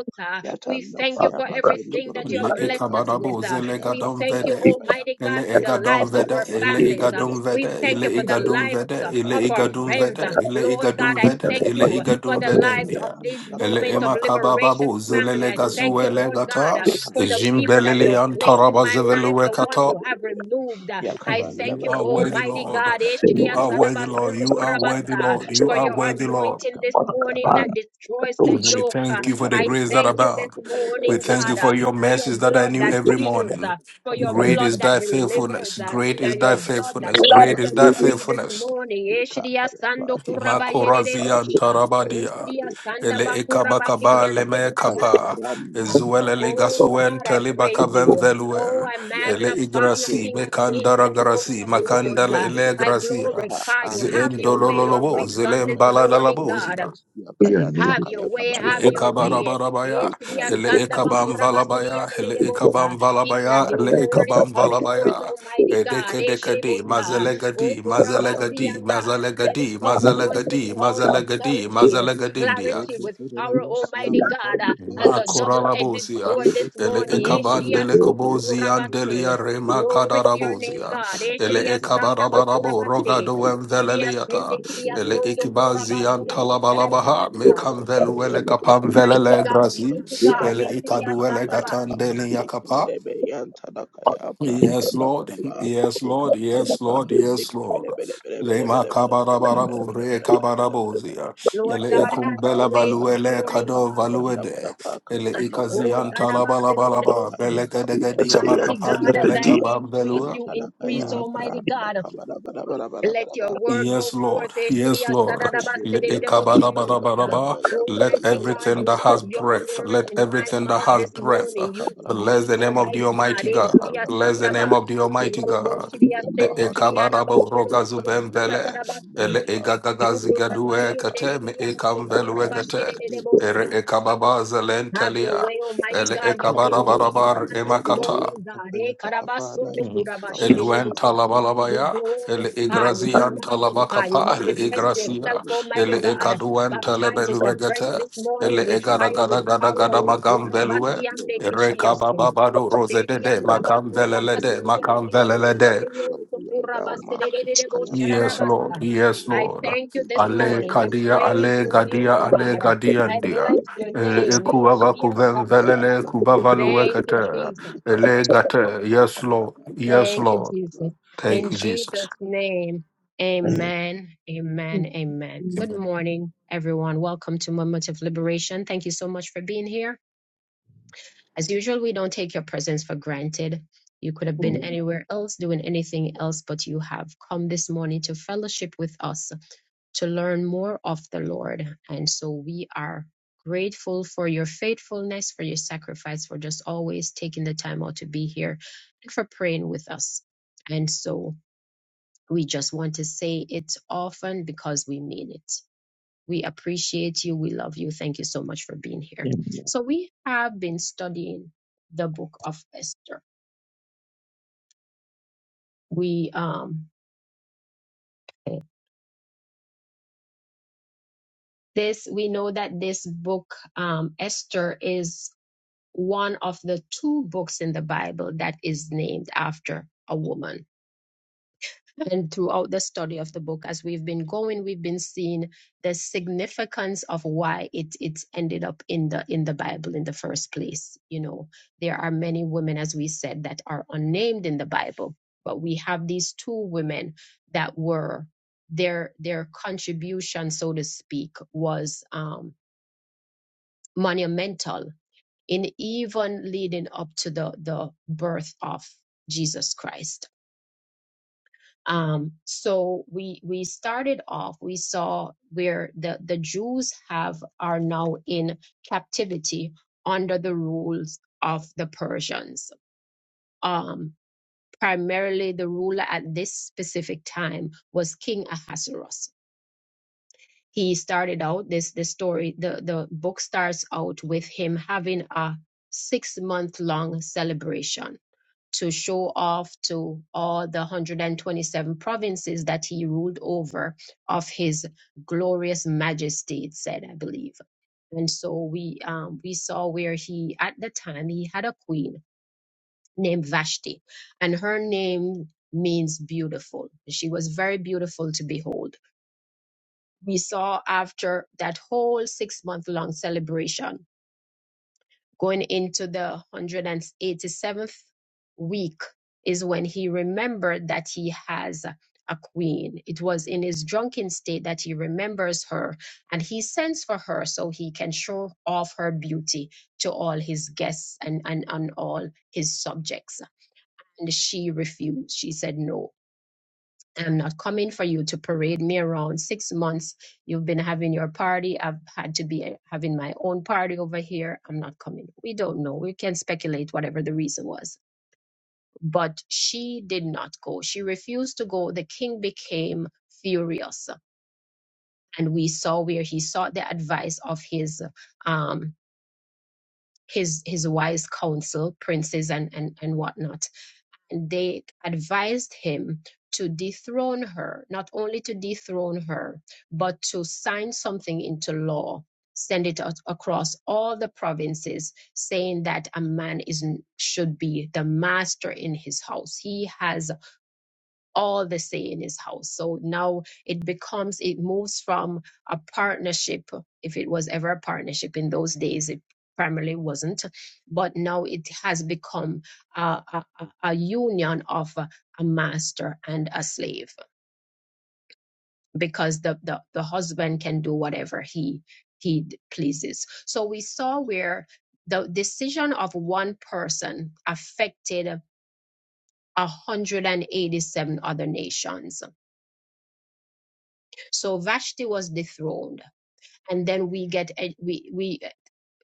Speaker 1: We
Speaker 2: yatanda
Speaker 1: thank you
Speaker 2: siya
Speaker 1: for
Speaker 2: matundu
Speaker 1: everything
Speaker 2: budu
Speaker 1: that you
Speaker 5: Le
Speaker 2: bus
Speaker 1: have
Speaker 2: ya
Speaker 1: blessed us
Speaker 2: kabanda
Speaker 1: with.
Speaker 5: ekabarabo
Speaker 1: uh,
Speaker 2: balaba
Speaker 5: zele
Speaker 2: ya
Speaker 1: we
Speaker 5: gadon
Speaker 2: kabanda
Speaker 1: thank you,
Speaker 5: vede,
Speaker 2: balaba
Speaker 1: Almighty God,
Speaker 5: ele
Speaker 1: for the
Speaker 5: egadon
Speaker 1: lives
Speaker 2: Ekapa
Speaker 1: of
Speaker 5: vede,
Speaker 2: yapa
Speaker 1: our
Speaker 5: ele
Speaker 1: families. uh,
Speaker 2: handebele
Speaker 5: egadon
Speaker 1: we
Speaker 5: vede,
Speaker 1: thank
Speaker 2: bosia
Speaker 1: you
Speaker 5: ele
Speaker 1: for the
Speaker 5: egadon
Speaker 2: matondo
Speaker 1: lives
Speaker 5: vede,
Speaker 1: uh,
Speaker 2: kabaraba
Speaker 5: ele
Speaker 1: of our
Speaker 2: matondo
Speaker 5: egadon
Speaker 1: friends.
Speaker 5: vede,
Speaker 1: Uh,
Speaker 2: kabaraba.
Speaker 5: ele
Speaker 1: Lord God,
Speaker 5: egadon
Speaker 1: I
Speaker 2: Ekapa
Speaker 5: vede,
Speaker 1: thank
Speaker 5: ele
Speaker 2: yapa
Speaker 1: you uh, for
Speaker 5: egadon
Speaker 2: yankara
Speaker 1: the
Speaker 5: vede
Speaker 2: kaya
Speaker 1: lives of
Speaker 5: ndia.
Speaker 1: this
Speaker 2: branda
Speaker 5: Ele
Speaker 1: moment of
Speaker 5: ema
Speaker 2: kabarabaraba.
Speaker 1: liberation
Speaker 5: kabababo zele
Speaker 1: family.
Speaker 5: le
Speaker 1: I
Speaker 2: Ekama
Speaker 1: thank
Speaker 2: yama
Speaker 1: you,
Speaker 5: gazue
Speaker 2: yama
Speaker 5: le
Speaker 1: Lord
Speaker 2: yama
Speaker 1: God, uh,
Speaker 2: yama
Speaker 1: for the
Speaker 2: hande
Speaker 1: people that
Speaker 2: kebelebe
Speaker 1: you have
Speaker 2: hande
Speaker 1: placed in
Speaker 5: antaraba
Speaker 1: my
Speaker 2: kebelebe
Speaker 1: life,
Speaker 5: zevelue
Speaker 1: the
Speaker 2: hande
Speaker 1: one
Speaker 5: kata.
Speaker 1: you have
Speaker 2: kebelebe.
Speaker 1: removed. Uh, I
Speaker 2: Yakabanda
Speaker 1: thank
Speaker 5: You
Speaker 1: you,
Speaker 5: are
Speaker 2: badabra
Speaker 5: worthy,
Speaker 1: Almighty
Speaker 5: Lord.
Speaker 2: yakabanda
Speaker 1: God,
Speaker 2: badaba.
Speaker 5: You
Speaker 1: Eshidiya
Speaker 5: are
Speaker 2: Ekapa
Speaker 5: worthy, Lord.
Speaker 2: yapa
Speaker 1: Sadabasundu
Speaker 5: You are
Speaker 2: yantara
Speaker 5: worthy,
Speaker 1: Kurabata,
Speaker 5: Lord.
Speaker 2: kaya
Speaker 5: You
Speaker 1: for
Speaker 5: are
Speaker 1: your
Speaker 5: worthy, Lord.
Speaker 2: kabarabarabaraba
Speaker 1: anointing this morning
Speaker 2: kabarabarabaraba.
Speaker 1: that destroys the
Speaker 5: We
Speaker 1: yoke. Uh,
Speaker 5: thank you for the
Speaker 1: I
Speaker 2: Yakanda
Speaker 5: grace that
Speaker 1: thank you
Speaker 2: kabayaba
Speaker 1: this
Speaker 5: abound.
Speaker 2: kabayaba
Speaker 5: We
Speaker 1: morning,
Speaker 2: yaba
Speaker 5: thank you
Speaker 2: yaba
Speaker 1: God, uh,
Speaker 5: for your
Speaker 1: for
Speaker 2: kabayaba
Speaker 1: your
Speaker 5: mercies that
Speaker 2: yaba
Speaker 5: I
Speaker 1: blood
Speaker 5: knew
Speaker 1: that
Speaker 5: every
Speaker 2: yaba
Speaker 1: heals.
Speaker 5: morning.
Speaker 1: uh, For your
Speaker 5: Great
Speaker 2: kabayaba
Speaker 1: blood
Speaker 5: is
Speaker 1: that
Speaker 5: thy
Speaker 1: delivers.
Speaker 5: faithfulness.
Speaker 1: uh,
Speaker 2: yaba
Speaker 5: Great is
Speaker 1: that
Speaker 2: yaba kabayaba yaba
Speaker 1: your
Speaker 5: thy
Speaker 1: blood
Speaker 2: kabayaba
Speaker 1: that
Speaker 5: faithfulness.
Speaker 2: yaba
Speaker 1: sets
Speaker 5: Great
Speaker 2: yaba
Speaker 5: is
Speaker 1: us
Speaker 5: thy
Speaker 1: free this
Speaker 2: kabayaba yaba
Speaker 5: faithfulness.
Speaker 2: yaba
Speaker 1: morning. Eshriya
Speaker 2: hikapa yapa
Speaker 1: sando
Speaker 2: hikapa
Speaker 1: kurabayerere
Speaker 2: yapa
Speaker 5: Makorazia
Speaker 1: bosha.
Speaker 2: hikapa yapa hikapa yapa
Speaker 5: tarabadia.
Speaker 1: Ushriya sanda
Speaker 2: hikapa
Speaker 5: Ele
Speaker 2: yapa
Speaker 5: ekabakaba
Speaker 1: bakurabakiriyan
Speaker 2: yakanda
Speaker 5: leme
Speaker 1: sebo
Speaker 2: kaya
Speaker 5: kaba.
Speaker 2: branda
Speaker 1: sharararabasa.
Speaker 5: Ezuele
Speaker 2: kabala bula
Speaker 1: Oh
Speaker 2: bala bala
Speaker 5: legasuen
Speaker 1: God, I
Speaker 2: bala bala bala
Speaker 1: praise
Speaker 5: telebakaven
Speaker 2: yanta
Speaker 1: you.
Speaker 2: kabala
Speaker 1: Oh,
Speaker 5: velue.
Speaker 1: I
Speaker 2: busia
Speaker 5: Ele
Speaker 1: magnify you,
Speaker 2: heke
Speaker 5: igrasi
Speaker 1: King of
Speaker 2: perepe
Speaker 1: kings
Speaker 5: mekandara
Speaker 1: and
Speaker 2: heke
Speaker 1: Lord
Speaker 5: grasi.
Speaker 1: of
Speaker 2: perepe
Speaker 1: lords.
Speaker 2: heke
Speaker 5: Makandala
Speaker 1: Uh,
Speaker 5: ele
Speaker 2: perepe
Speaker 1: I
Speaker 5: gracia.
Speaker 2: Ya
Speaker 1: glorify you.
Speaker 2: ande
Speaker 1: Have your way
Speaker 2: kebelebe
Speaker 1: in
Speaker 2: ya
Speaker 1: our
Speaker 5: Zendololobo.
Speaker 1: midst
Speaker 2: ande
Speaker 1: on this
Speaker 2: kebelebe ya
Speaker 1: morning, God.
Speaker 5: Zelembala
Speaker 2: butundos ya kayanta
Speaker 1: Have your
Speaker 2: kaya
Speaker 1: way,
Speaker 5: Le
Speaker 1: have
Speaker 2: kabanda
Speaker 1: your
Speaker 2: parabus.
Speaker 1: way.
Speaker 5: ekabarabarabaya,
Speaker 1: Etriya
Speaker 2: Hikaya
Speaker 5: ele
Speaker 1: sanda
Speaker 2: takara
Speaker 5: ekabam
Speaker 1: bakura
Speaker 2: hikaya
Speaker 1: basedia
Speaker 5: valabaya,
Speaker 1: De De
Speaker 5: ele
Speaker 1: De Bosa.
Speaker 5: ekabam
Speaker 1: Even as
Speaker 5: valabaya,
Speaker 1: your
Speaker 5: ele
Speaker 1: word is
Speaker 5: ekabam
Speaker 1: coming forth,
Speaker 5: valabaya.
Speaker 1: Almighty God.
Speaker 5: Edeke
Speaker 1: Echdi
Speaker 5: dekadi,
Speaker 1: Bosa.
Speaker 2: Atomos
Speaker 1: O
Speaker 5: mazelegadi,
Speaker 2: Yakaban
Speaker 5: mazelegadi,
Speaker 2: Kabarabayan
Speaker 1: kurabasiyanda.
Speaker 2: Takbar
Speaker 1: Let it
Speaker 5: mazelegadi,
Speaker 1: come
Speaker 2: Karabayan
Speaker 1: forth with
Speaker 5: mazelegadi,
Speaker 1: all
Speaker 4: you.
Speaker 2: Takabarabayan
Speaker 5: mazelegadi,
Speaker 1: authority,
Speaker 2: Takabarabaraba
Speaker 5: mazelegadindia.
Speaker 1: clarity,
Speaker 2: Yende
Speaker 1: with power,
Speaker 2: Keberebus
Speaker 1: Almighty God, uh,
Speaker 2: Yamatondo Kayan
Speaker 1: as
Speaker 5: Ma
Speaker 1: a double
Speaker 2: Takbaraba
Speaker 1: edged
Speaker 5: koralabozia,
Speaker 1: sword
Speaker 2: Yende
Speaker 1: this
Speaker 5: ele
Speaker 1: morning.
Speaker 2: Kabaraba Yende
Speaker 1: Eshriya
Speaker 5: ekabandele
Speaker 2: Kabaraba
Speaker 1: sundu
Speaker 5: kobozia,
Speaker 2: Matondo
Speaker 5: andelia
Speaker 2: Kayan
Speaker 1: kurabase.
Speaker 5: rema
Speaker 2: Kaba
Speaker 1: Glory to your name,
Speaker 5: kadarabozia,
Speaker 2: Yatondo
Speaker 1: God.
Speaker 2: Kaya
Speaker 5: ele
Speaker 2: Kaya
Speaker 1: Eshriya
Speaker 2: Tondo
Speaker 1: sanda
Speaker 2: Kaya Kaya
Speaker 1: bakura
Speaker 5: ekabarabarabo
Speaker 2: Tondo
Speaker 1: basi.
Speaker 5: rogado
Speaker 2: Kaya Kaya
Speaker 1: Shiriya sende
Speaker 5: enveleliata,
Speaker 2: Yende
Speaker 1: kiriya
Speaker 5: ele
Speaker 2: Berebus
Speaker 1: sondo
Speaker 2: Ya Hende
Speaker 1: kurabayi
Speaker 5: ikibazia
Speaker 2: Berebus
Speaker 1: nebo
Speaker 2: Ya Hende
Speaker 5: antalabalabaha,
Speaker 2: Berebus
Speaker 5: mekanvelu
Speaker 2: Ya Yan
Speaker 5: ele
Speaker 2: Takabaraba
Speaker 1: Mighty
Speaker 5: kapamvelele
Speaker 1: God,
Speaker 2: Yende
Speaker 5: grazi,
Speaker 1: mighty
Speaker 2: Kabaraba
Speaker 1: God,
Speaker 5: ele
Speaker 1: Yeshua
Speaker 5: ikadu ele
Speaker 2: Yekapa
Speaker 1: Santaba.
Speaker 2: Yapa
Speaker 5: gatandelia
Speaker 2: Hende Keberebe Yan Tadakaya Branda
Speaker 5: Yes, Lord.
Speaker 2: Kabaraba
Speaker 5: Yes, Lord. Yes, Lord. Yes, Lord. Lema kabarabarabo re kabarabozia.
Speaker 1: Lord
Speaker 5: Ele
Speaker 1: God, have your
Speaker 5: ekumbela
Speaker 1: way this
Speaker 5: valuele
Speaker 1: morning,
Speaker 5: kado
Speaker 1: God.
Speaker 5: valuede. Ele
Speaker 1: Oh God,
Speaker 5: ikazianta la
Speaker 1: Abba,
Speaker 5: balabalaba. Belega degadia
Speaker 1: Mighty
Speaker 5: makapan
Speaker 1: God, as I
Speaker 5: delega
Speaker 1: decrease,
Speaker 2: Yang
Speaker 5: bambelua.
Speaker 1: you
Speaker 2: cara
Speaker 1: increase,
Speaker 2: kaya
Speaker 1: Almighty
Speaker 2: beranda
Speaker 1: God.
Speaker 2: kabala bala bala bala
Speaker 1: Let your
Speaker 2: bala
Speaker 1: word go
Speaker 5: Yes,
Speaker 1: forth.
Speaker 5: Lord. Yes,
Speaker 1: Yeshua
Speaker 5: Lord.
Speaker 1: Santaba,
Speaker 5: Le-
Speaker 2: Matoboskia kadandaya
Speaker 5: ekabadabadabadaba.
Speaker 2: kadandaya
Speaker 5: Let
Speaker 1: Almighty
Speaker 2: kadandaya
Speaker 1: God,
Speaker 5: everything
Speaker 1: you
Speaker 5: that
Speaker 1: put
Speaker 5: has
Speaker 1: your
Speaker 5: breath,
Speaker 1: words
Speaker 5: let
Speaker 1: in my
Speaker 5: everything that
Speaker 1: mouth
Speaker 5: has
Speaker 1: this
Speaker 5: breath, uh,
Speaker 1: morning. You
Speaker 5: bless
Speaker 1: speak,
Speaker 5: the name of the
Speaker 1: Almighty God.
Speaker 5: Almighty God.
Speaker 1: Yeshua
Speaker 5: Bless the
Speaker 1: Santaba.
Speaker 2: kabarabarabarabakabarabarabarabakarabarabarabakabarabarabarabakarabarabarabarabaraba.
Speaker 5: name of the Almighty
Speaker 1: Robo
Speaker 5: God.
Speaker 1: Shiria
Speaker 5: Le
Speaker 1: Sendi Kiriadaba
Speaker 5: ekabadabo
Speaker 2: Yedekayantakayokahandekelekelekeyakarandeya
Speaker 5: rogazubembele.
Speaker 1: Shuru
Speaker 5: Ele
Speaker 2: kabanabaraba.
Speaker 1: Ukurabaye
Speaker 5: egagagazigadue kate me
Speaker 1: ndereriya,
Speaker 5: ekamvelue gate.
Speaker 1: tukurabashirere
Speaker 2: Ekapayapayantadakayabrandabarabo.
Speaker 1: bosa.
Speaker 5: Ere ekababa
Speaker 1: Have your
Speaker 5: zelentelia.
Speaker 1: way, Almighty
Speaker 5: Ele
Speaker 1: God. You be the feature on
Speaker 5: ekabadabadabar
Speaker 1: this
Speaker 5: emakata.
Speaker 1: morning, God. Eh,
Speaker 2: Kebereberebereberebereberebeyantakayataka. Father, I
Speaker 1: karabasundu
Speaker 5: Mm.
Speaker 2: thank you. I bless
Speaker 5: Eluen
Speaker 1: kurabashirebosa.
Speaker 2: you.
Speaker 1: We
Speaker 5: talabalabaya, el
Speaker 2: I say, well,
Speaker 1: glorify you, we
Speaker 5: igrazian
Speaker 2: hallelujah
Speaker 1: magnify
Speaker 2: unto
Speaker 1: you,
Speaker 5: talabakapa,
Speaker 2: you,
Speaker 5: el
Speaker 2: O Lord,
Speaker 1: manifest
Speaker 2: O God, I
Speaker 5: igracia,
Speaker 1: yourself,
Speaker 2: bless you,
Speaker 5: el
Speaker 1: Almighty
Speaker 2: I
Speaker 1: God.
Speaker 2: bless you, I
Speaker 5: ekaduen
Speaker 2: bless you,
Speaker 1: Baptize
Speaker 2: I
Speaker 1: us
Speaker 2: bless
Speaker 1: afresh
Speaker 2: you.
Speaker 5: telebeluegete,
Speaker 1: this
Speaker 2: I
Speaker 5: el
Speaker 1: morning with
Speaker 2: lift you up,
Speaker 1: fire,
Speaker 5: egaragada
Speaker 1: with
Speaker 2: yes,
Speaker 5: gada
Speaker 1: power.
Speaker 2: Lord,
Speaker 5: gada
Speaker 2: I
Speaker 1: Oh,
Speaker 2: lift
Speaker 5: magam
Speaker 2: you up,
Speaker 5: velue,
Speaker 2: yes, Lord,
Speaker 1: kurabasiande
Speaker 2: I lift you up,
Speaker 1: kishdiyosu.
Speaker 2: yes,
Speaker 5: erekabababado
Speaker 2: Lord.
Speaker 5: rose de
Speaker 2: I
Speaker 5: de
Speaker 2: say,
Speaker 1: Shediyandaba
Speaker 5: makam
Speaker 2: worthy,
Speaker 5: velele
Speaker 2: worthy,
Speaker 5: de
Speaker 2: worthy are
Speaker 5: makam
Speaker 1: kurabasidiande
Speaker 2: thou,
Speaker 5: velele
Speaker 2: O
Speaker 5: de.
Speaker 2: Lord,
Speaker 1: kishdiyosu
Speaker 2: worthy are thou, Master Tokaya
Speaker 5: Yes,
Speaker 2: Tabanda
Speaker 5: Lord,
Speaker 1: kurabasidereboshadarabasan.
Speaker 5: yes,
Speaker 2: Banago,
Speaker 1: I
Speaker 5: Lord.
Speaker 1: thank you this
Speaker 2: Eke
Speaker 5: Ale
Speaker 1: morning. I
Speaker 2: Perepe,
Speaker 5: kadia,
Speaker 2: Eke
Speaker 1: praise
Speaker 5: ale
Speaker 1: your
Speaker 2: Perepe,
Speaker 1: name,
Speaker 5: gadia,
Speaker 2: Eke
Speaker 5: ale
Speaker 1: God.
Speaker 2: Perepe,
Speaker 1: I
Speaker 5: gadiandia.
Speaker 1: bless
Speaker 2: Eke
Speaker 1: your
Speaker 5: El
Speaker 2: Perepe,
Speaker 1: name.
Speaker 5: ekuava
Speaker 2: Yankana
Speaker 5: kuven
Speaker 1: Ishiyataba.
Speaker 2: Kaya,
Speaker 5: velele
Speaker 2: Branda
Speaker 1: Thank you,
Speaker 2: Kabaraba,
Speaker 5: kubavaluekete,
Speaker 1: Jesus.
Speaker 2: Branda
Speaker 5: ele
Speaker 2: Kabaraba, Branda
Speaker 5: gate, yes, Lord,
Speaker 2: Kabaraba,
Speaker 5: yes,
Speaker 2: Branda
Speaker 1: Thank you,
Speaker 5: Lord.
Speaker 1: Jesus. In
Speaker 5: Thank you,
Speaker 2: Kabaraba.
Speaker 5: Jesus.
Speaker 1: Jesus' name, amen, amen, amen. Good
Speaker 5: Amen.
Speaker 1: morning, everyone. Welcome to Moment of Liberation. Thank you so much for being here. As usual, we don't take your presence for granted. You could have been anywhere else doing anything else, but you have come this morning to fellowship with us to learn more of the Lord. And so we are grateful for your faithfulness, for your sacrifice, for just always taking the time out to be here and for praying with us. And so we just want to say it often because we mean it. We appreciate you. We love you. Thank you so much for being here. So we have been studying the book of Esther. We um this we know that this book um Esther is one of the two books in the Bible that is named after a woman. And throughout the study of the book, as we've been going, we've been seeing the significance of why it it ended up in the in the Bible in the first place. You know, there are many women, as we said, that are unnamed in the Bible, but we have these two women that were their their contribution, so to speak, was um, monumental and even leading up to the, the birth of Jesus Christ. Um, so we we started off, we saw where the, the Jews have are now in captivity under the rules of the Persians. Um, primarily the ruler at this specific time was King Ahasuerus. He started out this the story, the, the book starts out with him having a six month long celebration to show off to all the 127 provinces that he ruled over of his glorious majesty, it said, I believe. And so we um, we saw where he at the time he had a queen named Vashti, and her name means beautiful. She was very beautiful to behold. We saw after that whole six month long celebration going into the 187th week is when he remembered that he has a queen. It was in his drunken state that he remembers her and he sends for her so he can show off her beauty to all his guests and, and, and all his subjects. And she refused. She said no. I'm not coming for you to parade me around. Six months you've been having your party. I've had to be having my own party over here. I'm not coming. We don't know. We can speculate whatever the reason was. But she did not go. She refused to go. The king became furious. And we saw where he sought the advice of his um his his wise counsel, princes and and, and whatnot and they advised him to dethrone her, not only to dethrone her, but to sign something into law, send it out across all the provinces, saying that a man is should be the master in his house. He has all the say in his house. So now it becomes, it moves from a partnership, if it was ever a partnership in those days, it primarily wasn't, but now it has become a, a, a a union of a, a master and a slave because the, the, the husband can do whatever he he d- pleases. So we saw where the decision of one person affected 187 other nations So Vashti was dethroned, and then we get we we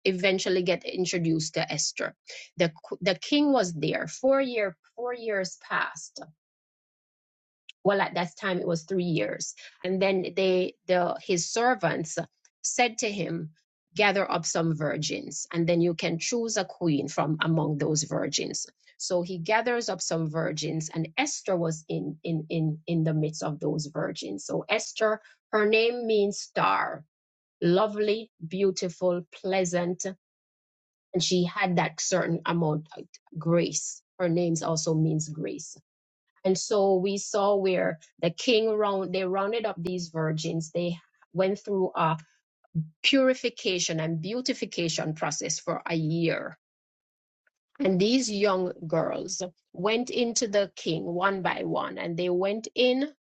Speaker 1: eventually get introduced to Esther. the The king was there four year four years passed. Well, at that time it was three years, and then they the his servants said to him. Gather up some virgins, and then you can choose a queen from among those virgins. So he gathers up some virgins, and Esther was in in in in the midst of those virgins. So Esther, her name means star, lovely, beautiful, pleasant, and she had that certain amount of grace. Her name also means grace. And so we saw where the king round they rounded up these virgins. They went through a purification and beautification process for a year. And these young girls went into the king one by one, and they went in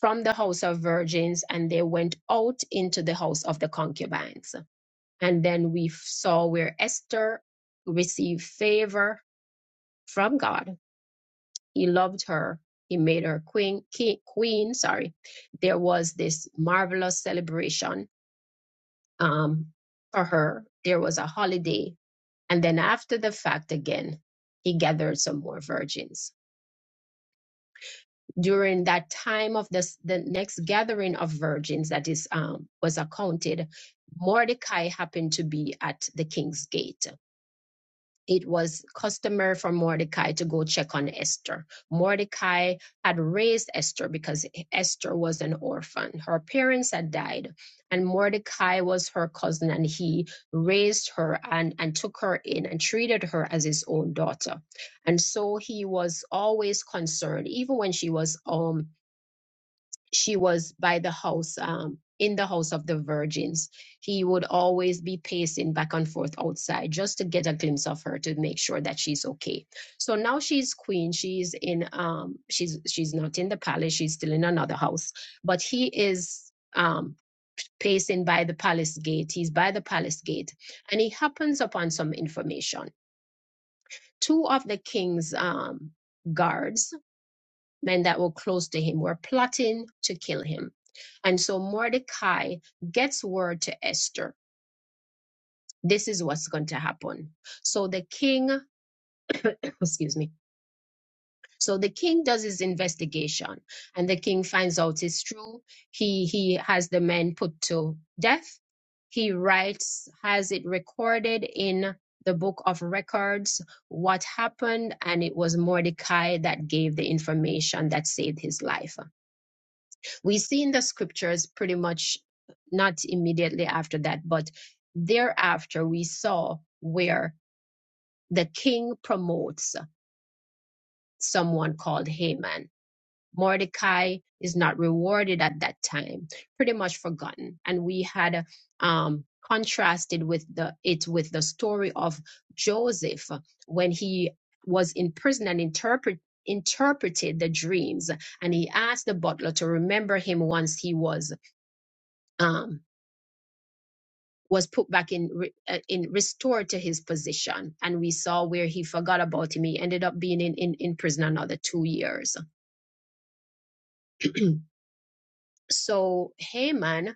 Speaker 1: from the house of virgins and they went out into the house of the concubines And then we saw where Esther received favor from God. He loved her. He made her queen. King, queen, sorry. There was this marvelous celebration um, for her. There was a holiday, and then after the fact, again, he gathered some more virgins. During that time of this, the next gathering of virgins that is um, was accounted, Mordecai happened to be at the king's gate it was customary for Mordecai to go check on Esther. Mordecai had raised Esther because Esther was an orphan. Her parents had died, and Mordecai was her cousin, and he raised her and, and took her in and treated her as his own daughter. And so he was always concerned, even when she was um she was by the house um in the house of the virgins he would always be pacing back and forth outside just to get a glimpse of her to make sure that she's okay so now she's queen she's in um she's she's not in the palace she's still in another house but he is um pacing by the palace gate he's by the palace gate and he happens upon some information two of the king's um guards men that were close to him were plotting to kill him. And so Mordecai gets word to Esther. This is what's going to happen. So the king, [COUGHS] [CLEARS THROAT] excuse me. So the king does his investigation and the king finds out it's true. He he has the men put to death. He writes, has it recorded in the book of records what happened, and it was Mordecai that gave the information that saved his life. we see in the scriptures pretty much not immediately after that, but thereafter we saw where the king promotes someone called Haman. Mordecai is not rewarded at that time, pretty much forgotten. And we had um, contrasted with the it with the story of Joseph when he was in prison and interpret interpreted the dreams and he asked the butler to remember him once he was um, was put back in uh, in restored to his position and we saw where he forgot about him he ended up being in in, in prison another two years so haman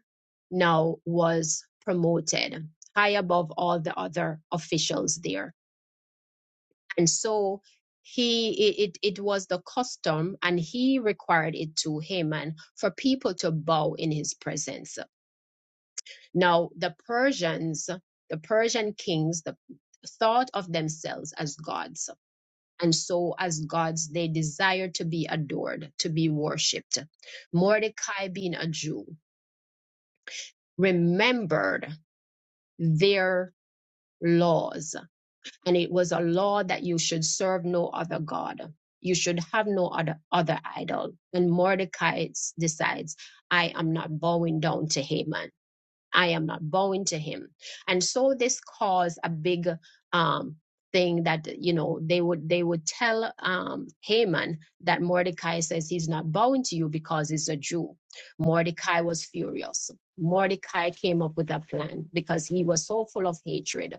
Speaker 1: now was promoted high above all the other officials there and so he it, it it was the custom and he required it to haman for people to bow in his presence now the persians the persian kings the thought of themselves as gods And so, as gods, they desire to be adored, to be worshipped. Mordecai, being a Jew, remembered their laws. And it was a law that you should serve no other God. You should have no other, other idol. And Mordecai s- decides, I am not bowing down to Haman. I am not bowing to him. And so this caused a big um, thing that you know they would they would tell um, Haman that Mordecai says he's not bowing to you because he's a Jew. Mordecai was furious. Mordecai came up with a plan because he was so full of hatred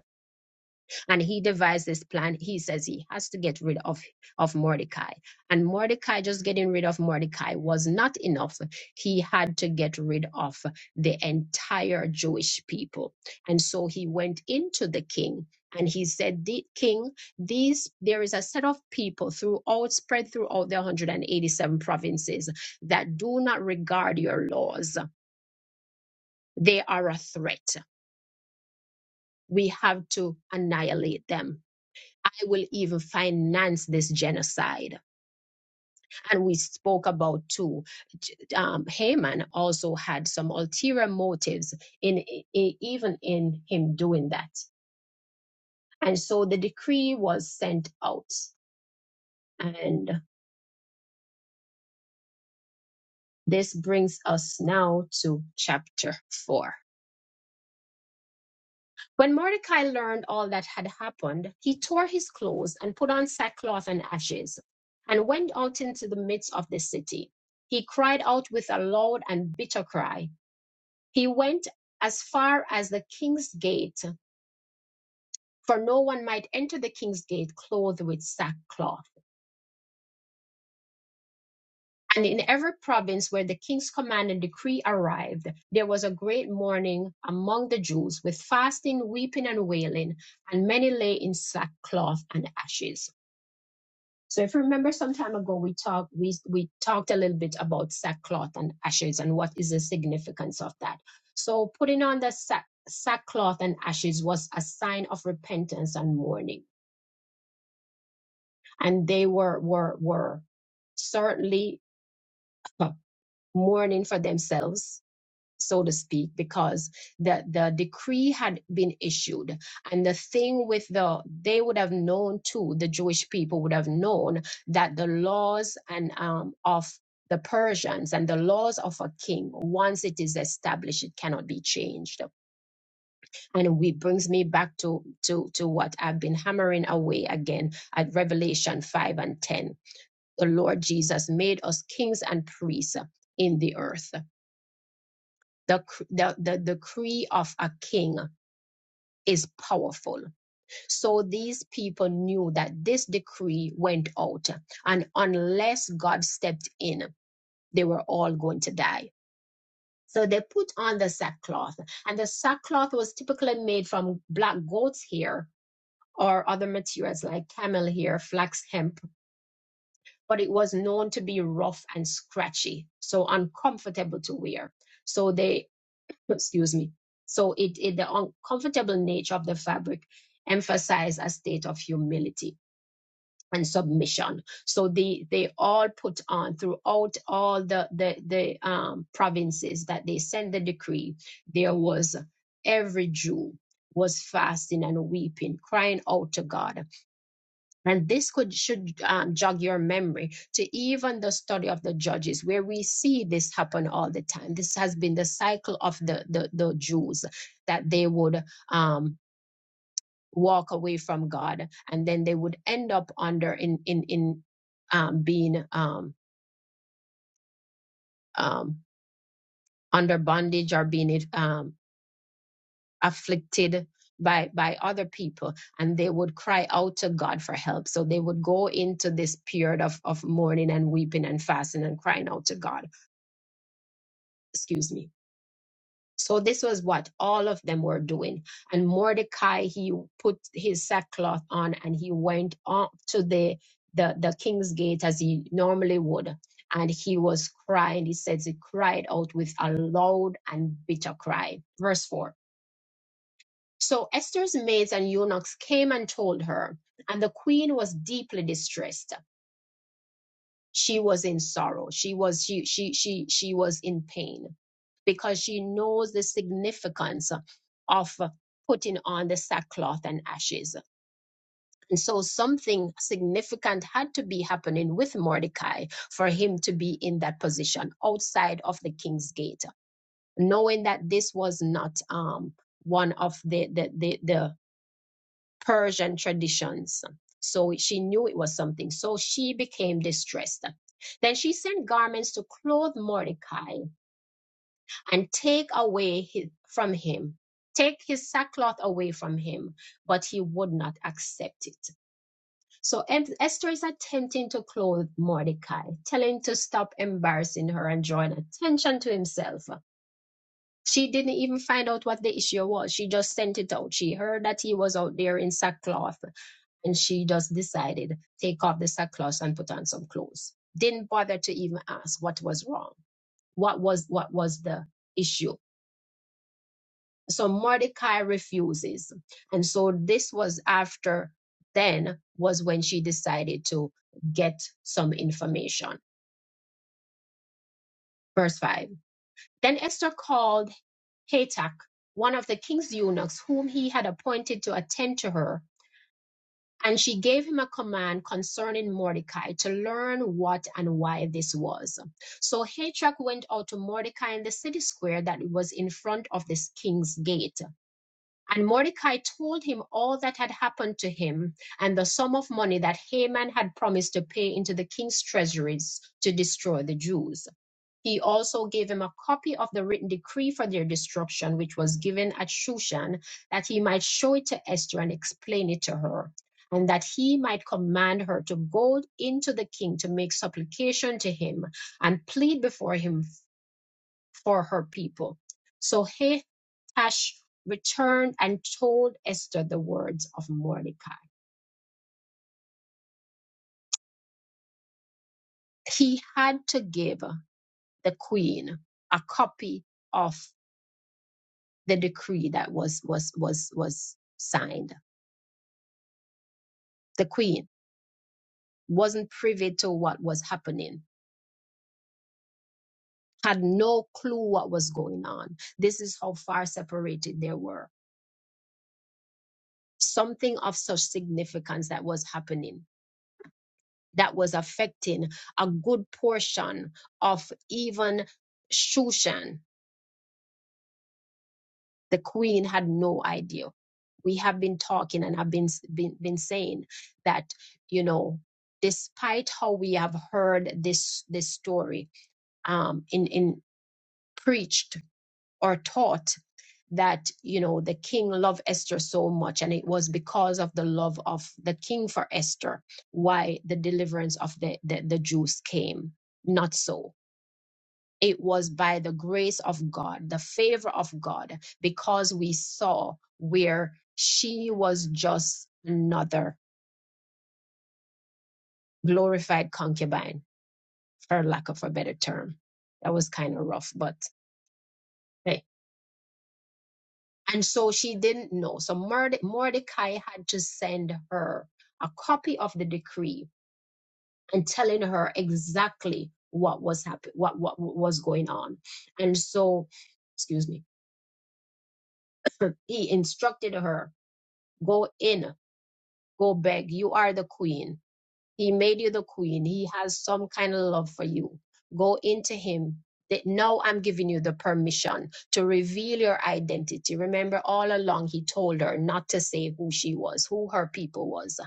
Speaker 1: and he devised this plan. He says he has to get rid of, of Mordecai. And Mordecai, just getting rid of Mordecai was not enough. He had to get rid of the entire Jewish people. And so he went into the king and he said, the King, these there is a set of people throughout, spread throughout the 187 provinces that do not regard your laws. They are a threat. We have to annihilate them I will even finance this genocide. And we spoke about too. Um, Haman also had some ulterior motives in i- even in him doing that. And so the decree was sent out. And this brings us now to chapter four. When Mordecai learned all that had happened, he tore his clothes and put on sackcloth and ashes, and went out into the midst of the city. He cried out with a loud and bitter cry. He went as far as the king's gate, for no one might enter the king's gate clothed with sackcloth. And in every province where the king's command and decree arrived, there was a great mourning among the Jews with fasting, weeping, and wailing, and many lay in sackcloth and ashes. So if you remember some time ago, we talked, we, we talked a little bit about sackcloth and ashes and what is the significance of that. So putting on the sack, sackcloth and ashes was a sign of repentance and mourning. And they were, were, were certainly uh, mourning for themselves so to speak, because the, the decree had been issued. And the thing with the, they would have known too, the Jewish people would have known that the laws and um, of the Persians and the laws of a king, once it is established, it cannot be changed. And we brings me back to, to, to what I've been hammering away again at Revelation 5 and 10. The Lord Jesus made us kings and priests in the earth the, the, the decree of a king is powerful. So these people knew that this decree went out, and unless God stepped in, they were all going to die. So they put on the sackcloth, and the sackcloth was typically made from black goat's hair or other materials like camel hair, flax hemp, but it was known to be rough and scratchy, so uncomfortable to wear. So they [CLEARS THROAT] excuse me. So it, it the uncomfortable nature of the fabric emphasized a state of humility and submission. So they they all put on throughout all the the the um, provinces that they sent the decree. There was every Jew was fasting and weeping, crying out to God and this could should um, jog your memory to even the story of the judges, where we see this happen all the time. This has been the cycle of the the, the Jews that they would um, walk away from God, and then they would end up under in in in um, being um, um, under bondage or being um, afflicted by by other people and they would cry out to god for help so they would go into this period of of mourning and weeping and fasting and crying out to god excuse me so this was what all of them were doing and mordecai he put his sackcloth on and he went up to the the, the king's gate as he normally would and he was crying he says he cried out with a loud and bitter cry verse 4 So Esther's maids and eunuchs came and told her, and the queen was deeply distressed. She was in sorrow. She was she she she she was in pain because she knows the significance of putting on the sackcloth and ashes. And so something significant had to be happening with Mordecai for him to be in that position outside of the king's gate, knowing that this was not um, one of the the the, the Persian traditions. So she knew it was something. So she became distressed. Then she sent garments to clothe Mordecai and take away his, from him, take his sackcloth away from him, but he would not accept it. So Esther is attempting to clothe Mordecai, telling him to stop embarrassing her and drawing attention to himself. She didn't even find out what the issue was. She just sent it out. She heard that he was out there in sackcloth and she just decided, take off the sackcloth and put on some clothes. Didn't bother to even ask what was wrong. What was what was the issue? So Mordecai refuses. And so this was after then was when she decided to get some information. Verse 5. Then Esther called Hatak, one of the king's eunuchs, whom he had appointed to attend to her And she gave him a command concerning Mordecai to learn what and why this was. So Hatrack went out to Mordecai in the city square that was in front of this king's gate. And Mordecai told him all that had happened to him and the sum of money that Haman had promised to pay into the king's treasuries to destroy the Jews. He also gave him a copy of the written decree for their destruction, which was given at Shushan, that he might show it to Esther and explain it to her, and that he might command her to go into the king to make supplication to him and plead before him for her people. So Hash returned and told Esther the words of Mordecai. He had to give the queen a copy of the decree that was was was was signed. The queen wasn't privy to what was happening, had no clue what was going on. This is how far separated they were. Something of such significance that was happening that was affecting a good portion of even Shushan, The queen had no idea. We have been talking and I've been, been, been saying that, you know, despite how we have heard this, this story, um, in, in preached or taught that, you know, the king loved Esther so much and it was because of the love of the king for Esther why the deliverance of the, the, the Jews came. Not so it was by the grace of God, the favor of God, because we saw where she was just another glorified concubine, for lack of a better term. That was kind of rough, but hey. And so she didn't know. So Morde- Mordecai had to send her a copy of the decree and telling her exactly what was happening, what, what was going on. And so, excuse me, [CLEARS THROAT] he instructed her go in Go beg. You are the queen. He made you the queen. He has some kind of love for you. Go into him. That now I'm giving you the permission to reveal your identity. Remember, all along he told her not to say who she was, who her people was.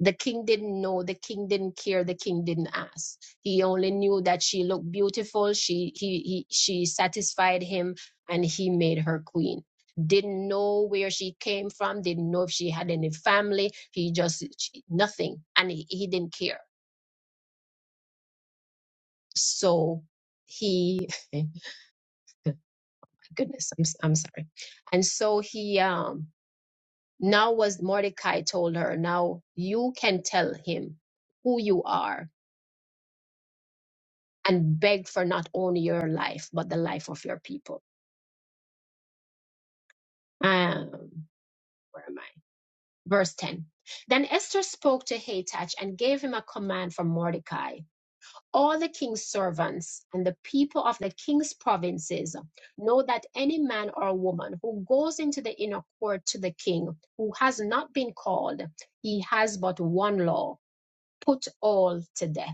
Speaker 1: The king didn't know, the king didn't care, the king didn't ask. He only knew that she looked beautiful, she he, he she satisfied him and he made her queen. Didn't know where she came from, didn't know if she had any family, he just she- nothing and he, he didn't care. So he [LAUGHS] my goodness, I'm s- I'm sorry. And so he um now was Mordecai told her, now you can tell him who you are and beg for not only your life, but the life of your people. Um, where am I? Verse 10. Then Esther spoke to Hathach and gave him a command for Mordecai. All the king's servants and the people of the king's provinces know that any man or woman who goes into the inner court to the king, who has not been called, he has but one law put all to death.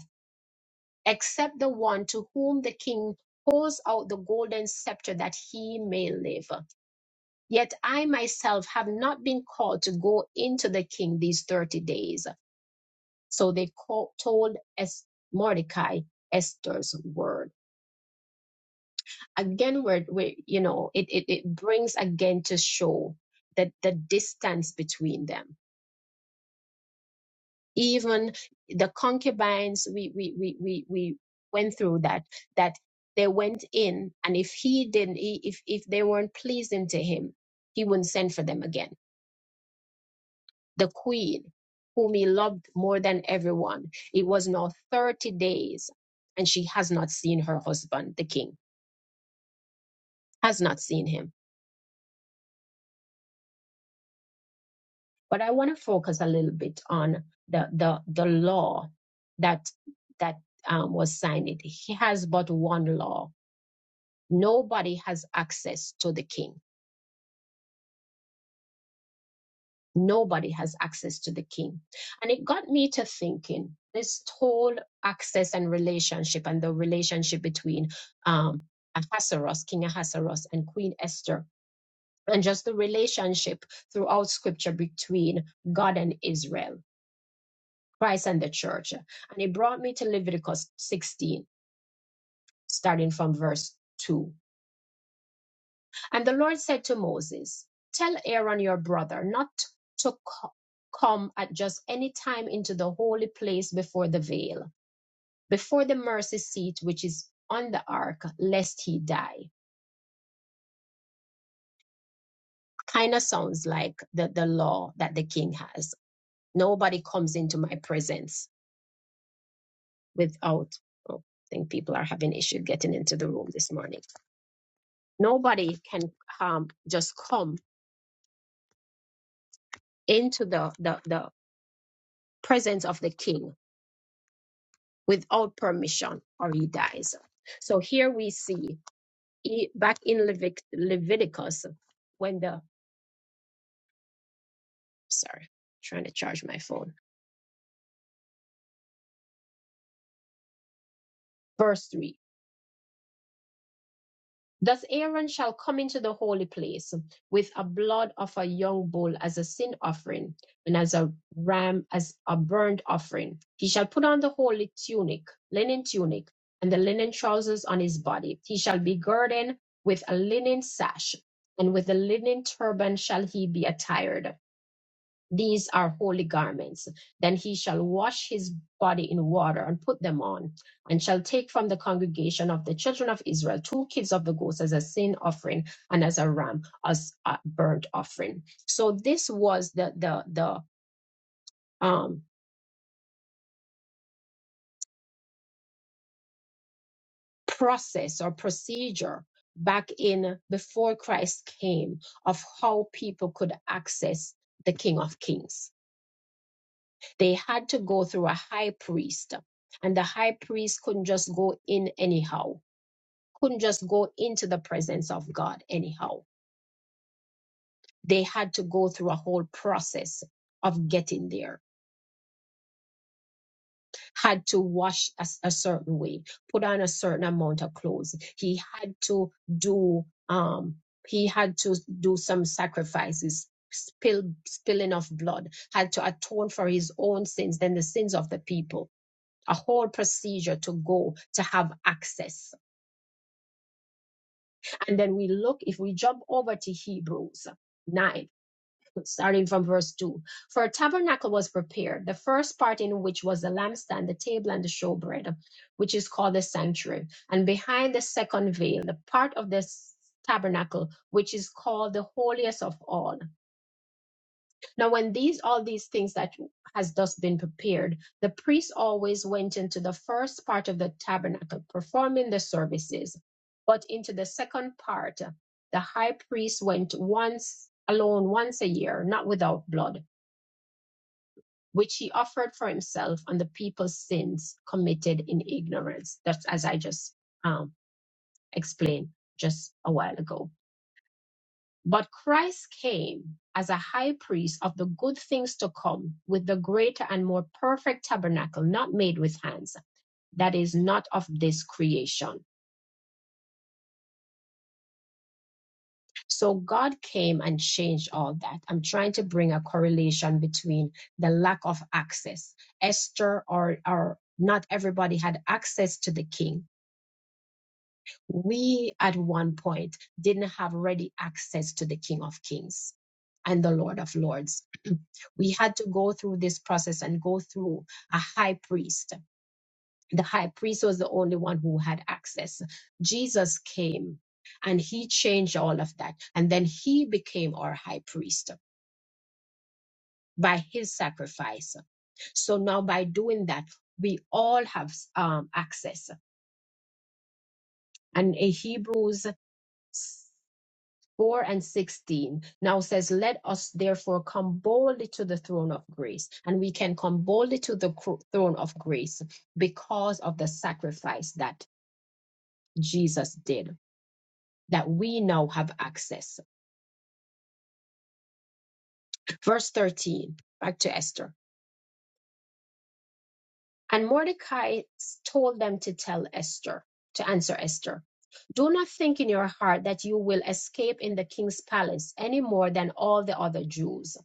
Speaker 1: except the one to whom the king pours out the golden scepter that he may live. Yet I myself have not been called to go into the king these 30 days. So they call, told Es- Mordecai Esther's word. Again, we're, we you know, it, it, it brings again to show that the distance between them even the concubines we we we we, we went through that that they went in and if he didn't he, if if they weren't pleasing to him he wouldn't send for them again the queen whom he loved more than everyone it was now 30 days and she has not seen her husband the king has not seen him but i want to focus a little bit on the the the law that that um, was signed it he has but one law Nobody has access to the king. Nobody has access to the king. And it got me to thinking this whole access and relationship and the relationship between um, Ahasuerus, King Ahasuerus, and Queen Esther, and just the relationship throughout scripture between God and Israel, Christ and the church. And it brought me to Leviticus 16, starting from verse 2 And the Lord said to Moses, Tell Aaron your brother not to co- come at just any time into the holy place before the veil, before the mercy seat which is on the ark, lest he die. Kind of sounds like the, the law that the king has. Nobody comes into my presence without. oh, I think people are having issue getting into the room this morning. Nobody can um, just come into the, the, the presence of the king without permission or he dies. So here we see e- back in Levit- Leviticus when the sorry trying to charge my phone verse 3 Thus Aaron shall come into the holy place with a blood of a young bull as a sin offering, and as a ram as a burnt offering. He shall put on the holy tunic, linen tunic, and the linen trousers on his body. He shall be girded with a linen sash, and with a linen turban shall he be attired. These are holy garments. Then he shall wash his body in water and put them on, and shall take from the congregation of the children of Israel two kids of the goats as a sin offering and as a ram as a burnt offering. So this was the the the um, process or procedure back in before Christ came of how people could access the King of Kings They had to go through a high priest, and the high priest couldn't just go in anyhow, couldn't just go into the presence of God anyhow. They had to go through a whole process of getting there, had to wash a a certain way, put on a certain amount of clothes. He had to do um he had to do some sacrifices spill spilling of blood had to atone for his own sins then the sins of the people a whole procedure to go to have access. And then we look, if we jump over to Hebrews 9, starting from verse 2 For a tabernacle was prepared, the first part in which was the lampstand, the table, and the showbread, which is called the sanctuary. And behind the second veil, the part of this tabernacle, which is called the holiest of all. Now, when these all these things that has thus been prepared, the priest always went into the first part of the tabernacle performing the services, but into the second part, the high priest went once alone once a year, not without blood, which he offered for himself and the people's sins committed in ignorance. That's as I just um, explained just a while ago. But Christ came as a high priest of the good things to come with the greater and more perfect tabernacle, not made with hands, that is not of this creation. So God came and changed all that. I'm trying to bring a correlation between the lack of access. Esther or, or not everybody had access to the king We at one point didn't have ready access to the King of Kings and the Lord of Lords. [CLEARS THROAT] we had to go through this process and go through a high priest. The high priest was the only one who had access. Jesus came and he changed all of that. And then he became our high priest by his sacrifice. So now by doing that, we all have um, access. And in Hebrews 4 and 16 now says, Let us therefore come boldly to the throne of grace. And we can come boldly to the throne of grace because of the sacrifice that Jesus did, that we now have access. Verse 13, back to Esther. And Mordecai told them to tell Esther, to answer Esther, Do not think in your heart that you will escape in the king's palace any more than all the other Jews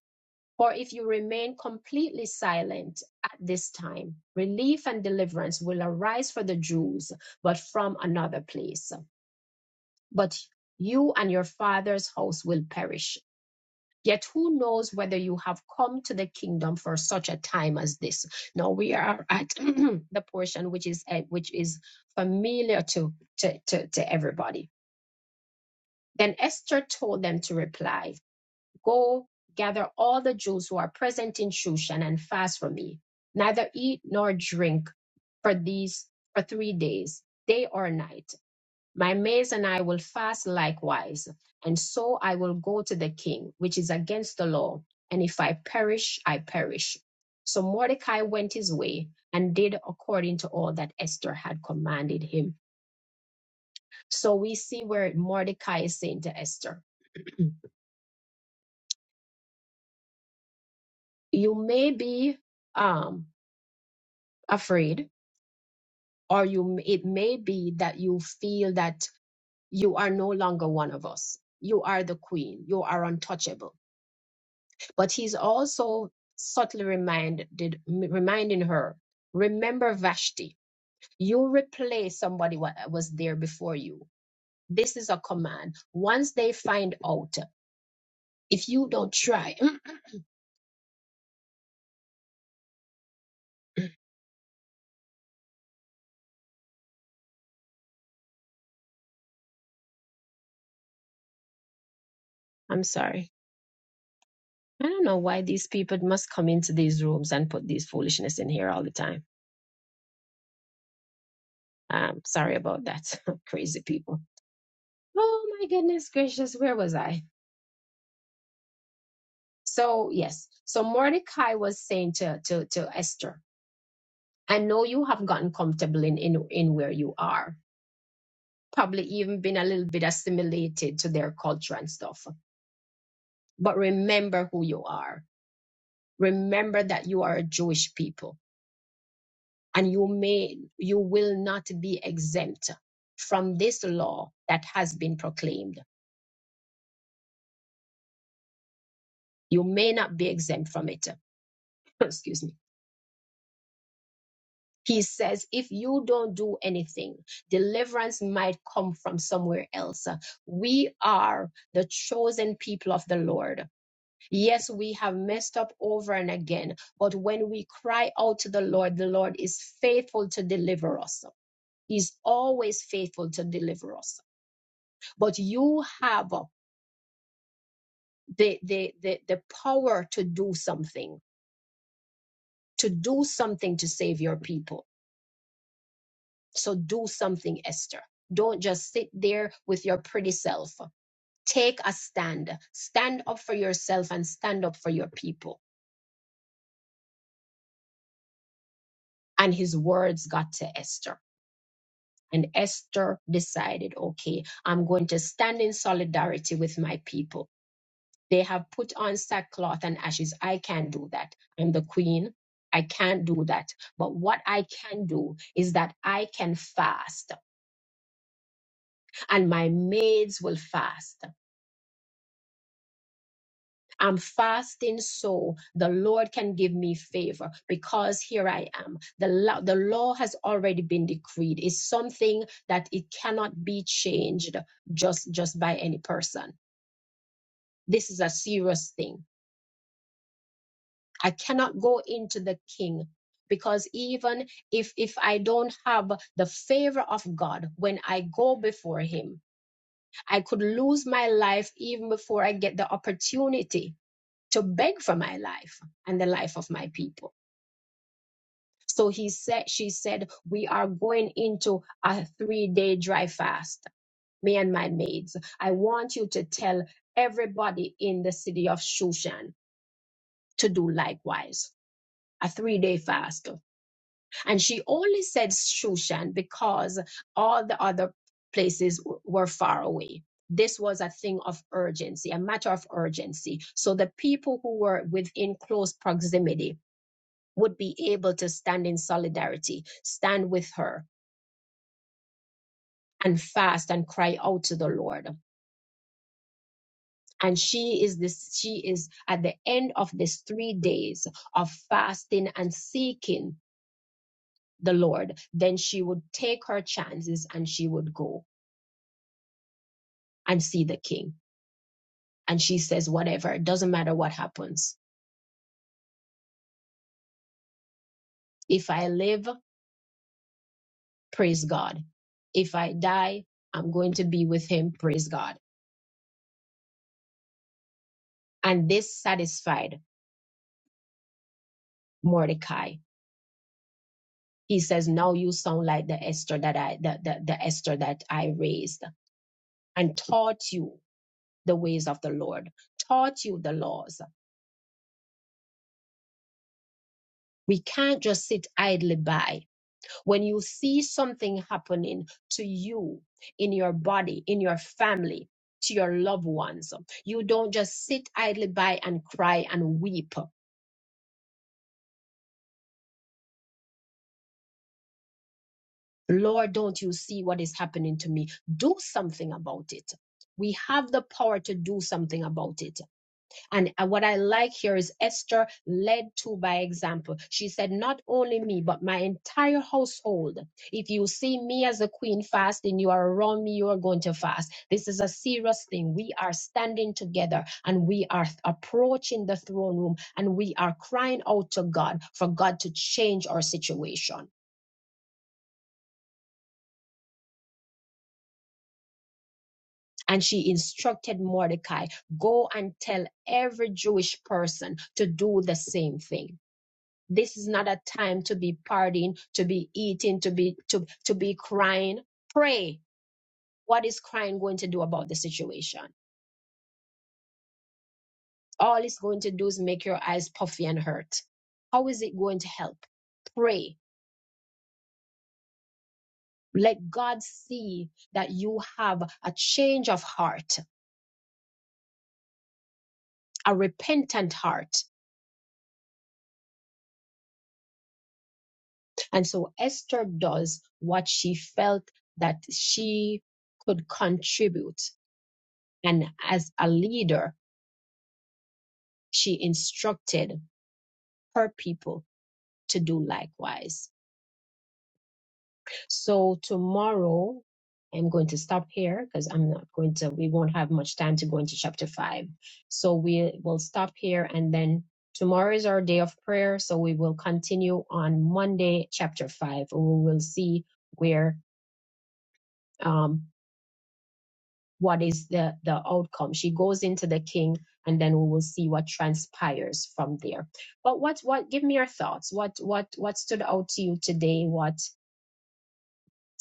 Speaker 1: For if you remain completely silent at this time, relief and deliverance will arise for the Jews, but from another place. But you and your father's house will perish. Yet who knows whether you have come to the kingdom for such a time as this? Now we are at [CLEARS THROAT] the portion which is eh, which is familiar to, to, to, to everybody. Then Esther told them to reply. Go gather all the Jews who are present in Shushan and fast for me. Neither eat nor drink for these for three days, day or night. My maids and I will fast likewise, and so I will go to the king, which is against the law, and if I perish, I perish. So Mordecai went his way and did according to all that Esther had commanded him. So we see where Mordecai is saying to Esther, You may be um, afraid, or you it may be that you feel that you are no longer one of us you are the queen you are untouchable but he's also subtly reminded reminding her remember vashti you replace somebody what was there before you this is a command once they find out if you don't try Mm, i'm sorry i don't know why these people must come into these rooms and put these foolishness in here all the time um sorry about that [LAUGHS] crazy people Oh my goodness gracious, where was I? So yes, so Mordecai was saying to to to Esther, I know you have gotten comfortable in in in where you are, probably even been a little bit assimilated to their culture and stuff. But remember who you are. Remember that you are a Jewish people, and you may you will not be exempt from this law that has been proclaimed. You may not be exempt from it. [LAUGHS] Excuse me He says, if you don't do anything, deliverance might come from somewhere else. We are the chosen people of the Lord. Yes, we have messed up over and again, but when we cry out to the Lord, the Lord is faithful to deliver us. He's always faithful to deliver us. But you have the, the, the, the power to do something, to do something to save your people So do something, Esther. Don't just sit there with your pretty self. Take a stand. Stand up for yourself and stand up for your people. And his words got to Esther. And Esther decided, okay, I'm going to stand in solidarity with my people. They have put on sackcloth and ashes. I can't do that. I'm the queen. I can't do that. But what I can do is that I can fast, and my maids will fast I'm fasting so the Lord can give me favor because here I am. The law, the law has already been decreed. It's something that it cannot be changed just just by any person. This is a serious thing. I cannot go into the king because even if if I don't have the favor of God when I go before him, I could lose my life even before I get the opportunity to beg for my life and the life of my people. So he said, she said, we are going into a three day dry fast, me and my maids. I want you to tell everybody in the city of Shushan to do likewise. A three day fast. And she only said Shushan because all the other places w- were far away. This was a thing of urgency, a matter of urgency. So the people who were within close proximity would be able to stand in solidarity, stand with her, and fast and cry out to the Lord. And she is this, she is at the end of this three days of fasting and seeking the Lord. Then she would take her chances and she would go and see the king. And she says, whatever, it doesn't matter what happens. If I live, praise God. If I die, I'm going to be with him, praise God. And this satisfied Mordecai. He says, now you sound like the Esther that I, the, the, the Esther that I raised and taught you the ways of the Lord, taught you the laws. We can't just sit idly by. When you see something happening to you in your body, in your family, to your loved ones, you don't just sit idly by and cry and weep. Lord, don't you see what is happening to me? Do something about it. We have the power to do something about it. And uh, what I like here is Esther led to by example. She said, Not only me, but my entire household. If you see me as a queen fasting, you are around me, you are going to fast. This is a serious thing. We are standing together and we are approaching the throne room and we are crying out to God for God to change our situation. And she instructed Mordecai, Go and tell every Jewish person to do the same thing this is not a time to be partying to be eating to be to, to be crying pray what is crying going to do about the situation all it's going to do is make your eyes puffy and hurt how is it going to help pray let god see that you have a change of heart a repentant heart and so esther does what she felt that she could contribute and as a leader she instructed her people to do likewise. So tomorrow I'm going to stop here because I'm not going to, we won't have much time to go into chapter five. So we will stop here and then tomorrow is our day of prayer. So we will continue on Monday, chapter five. and We will see where, um, what is the, the outcome. She goes into the king and then we will see what transpires from there. But what, what, give me your thoughts. What, what, what stood out to you today? What,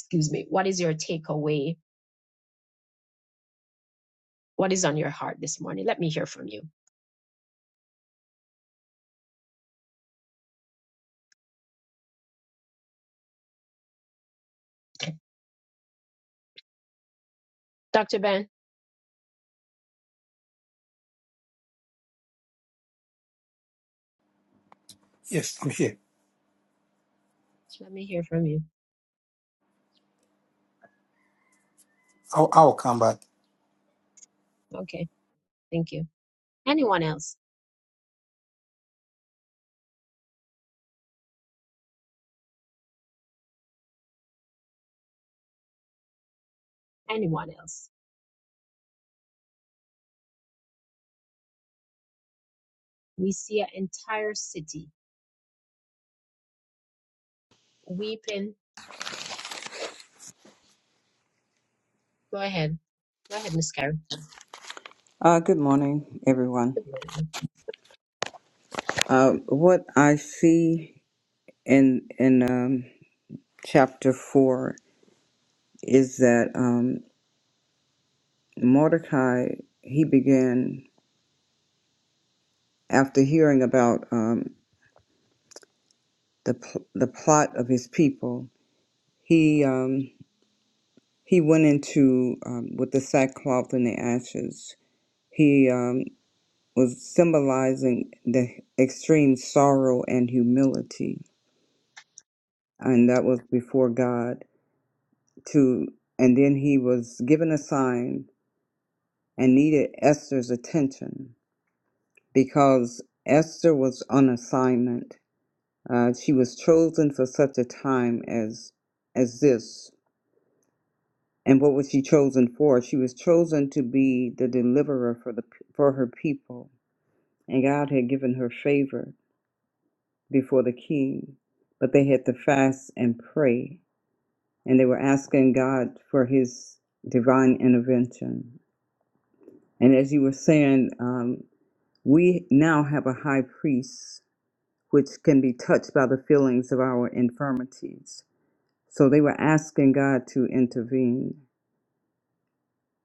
Speaker 1: excuse me, what is your takeaway? What is on your heart this morning? Let me hear from you. Dr. Ben,
Speaker 5: Yes, I'm here.
Speaker 1: let me hear from you.
Speaker 5: I'll, I'll come back.
Speaker 1: Okay, thank you. Anyone else? Anyone else? We see an entire city weeping. Go ahead. Go ahead, Miss Karen.
Speaker 6: Uh, good morning, everyone. Uh, what I see in in um, chapter four is that um, Mordecai he began after hearing about um, the pl- the plot of his people. He um, he went into um, with the sackcloth and the ashes. He um, was symbolizing the extreme sorrow and humility, and that was before God to and then he was given a sign and needed Esther's attention because Esther was on assignment. Uh, she was chosen for such a time as as this. And what was she chosen for? She was chosen to be the deliverer for the for her people. And God had given her favor before the king, but they had to fast and pray, and they were asking God for His divine intervention And as you were saying, um, we now have a high priest which can be touched by the feelings of our infirmities. So they were asking God to intervene.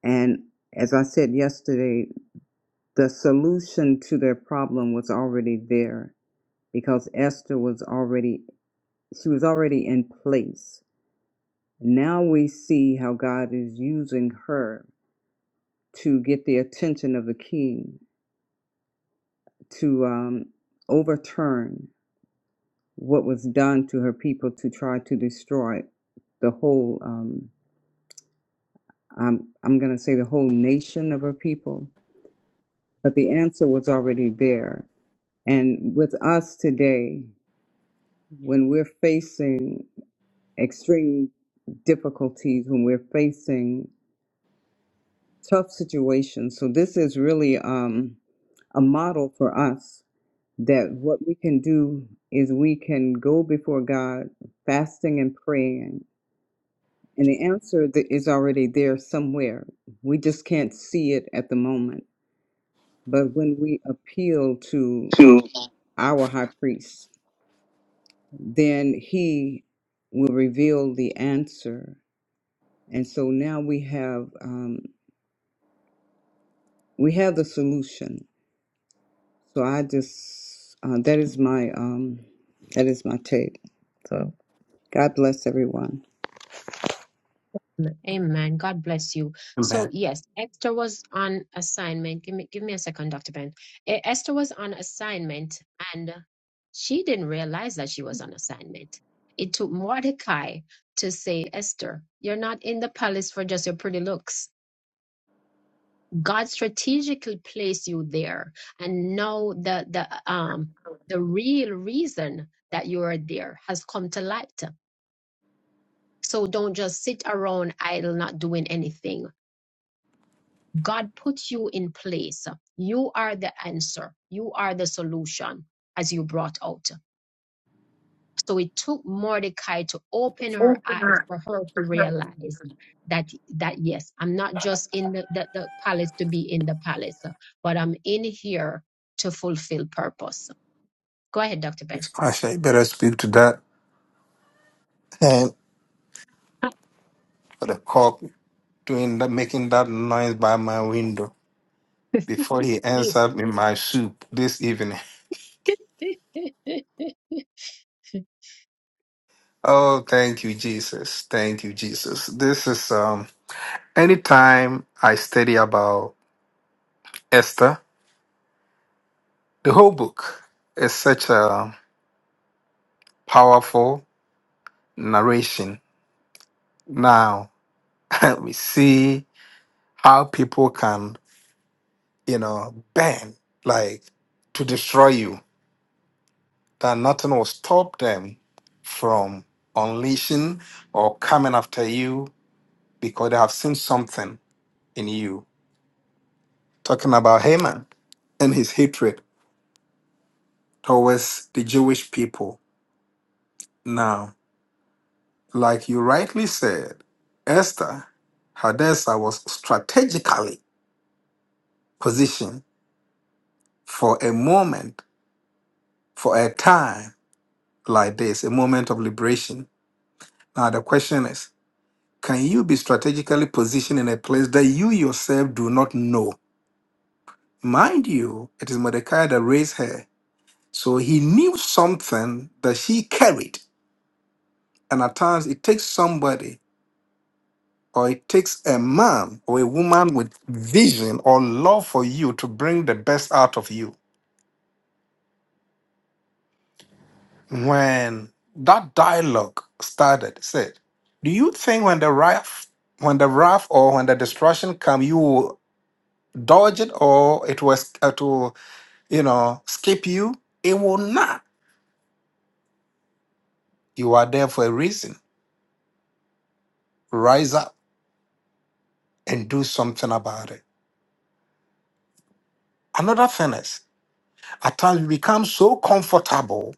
Speaker 6: And as I said yesterday, the solution to their problem was already there because Esther was already, she was already in place. Now we see how God is using her to get the attention of the king to um, overturn what was done to her people to try to destroy the whole um, I'm, I'm going to say the whole nation of her people but the answer was already there and with us today when we're facing extreme difficulties when we're facing tough situations so this is really um, a model for us that what we can do is we can go before god fasting and praying And the answer that is already there somewhere. We just can't see it at the moment. But when we appeal to
Speaker 5: to
Speaker 6: our high priest, then he will reveal the answer. And so now we have um, we have the solution. So I just uh, that is my um, that is my take. So. God bless everyone.
Speaker 1: Amen. God bless you. So
Speaker 5: Amen.
Speaker 1: yes, Esther was on assignment. Give me give me a second, Dr. Ben. E- Esther was on assignment and she didn't realize that she was on assignment. It took Mordecai to say, Esther, you're not in the palace for just your pretty looks. God strategically placed you there and now the the um the real reason that you are there has come to light. So don't just sit around idle, not doing anything God put you in place. You are the answer. You are the solution, as you brought out. So it took Mordecai to open her eyes for her to realize that that yes, I'm not just in the, the, the palace to be in the palace, but I'm in here to fulfill purpose. Go ahead, Dr. Ben.
Speaker 5: It's Actually, I better speak to that. And
Speaker 1: [LAUGHS]
Speaker 5: for the cock doing that, making that noise by my window before he ends up in my soup this evening. Oh, thank you, Jesus. Thank you, Jesus. This is um. Anytime I study about Esther, the whole book is such a powerful narration. Now [LAUGHS] we see how people can you know, banned, like to destroy you, that nothing will stop them from unleashing or coming after you because they have seen something in you. Talking about Haman and his hatred towards the Jewish people. Now, like you rightly said, Esther, Hadassah was strategically positioned for a moment, for a time like this, a moment of liberation. Now, the question is, Can you be strategically positioned in a place that you yourself do not know? Mind you, it is Mordecai that raised her. So he knew something that she carried. And at times it takes somebody or it takes a man or a woman with vision or love for you to bring the best out of you. When that dialogue started, said, Do you think when the wrath when the wrath or when the destruction come, you will dodge it or it was it will you know, skip you. It will not. You are there for a reason. Rise up and do something about it. Another thing is, at times we become so comfortable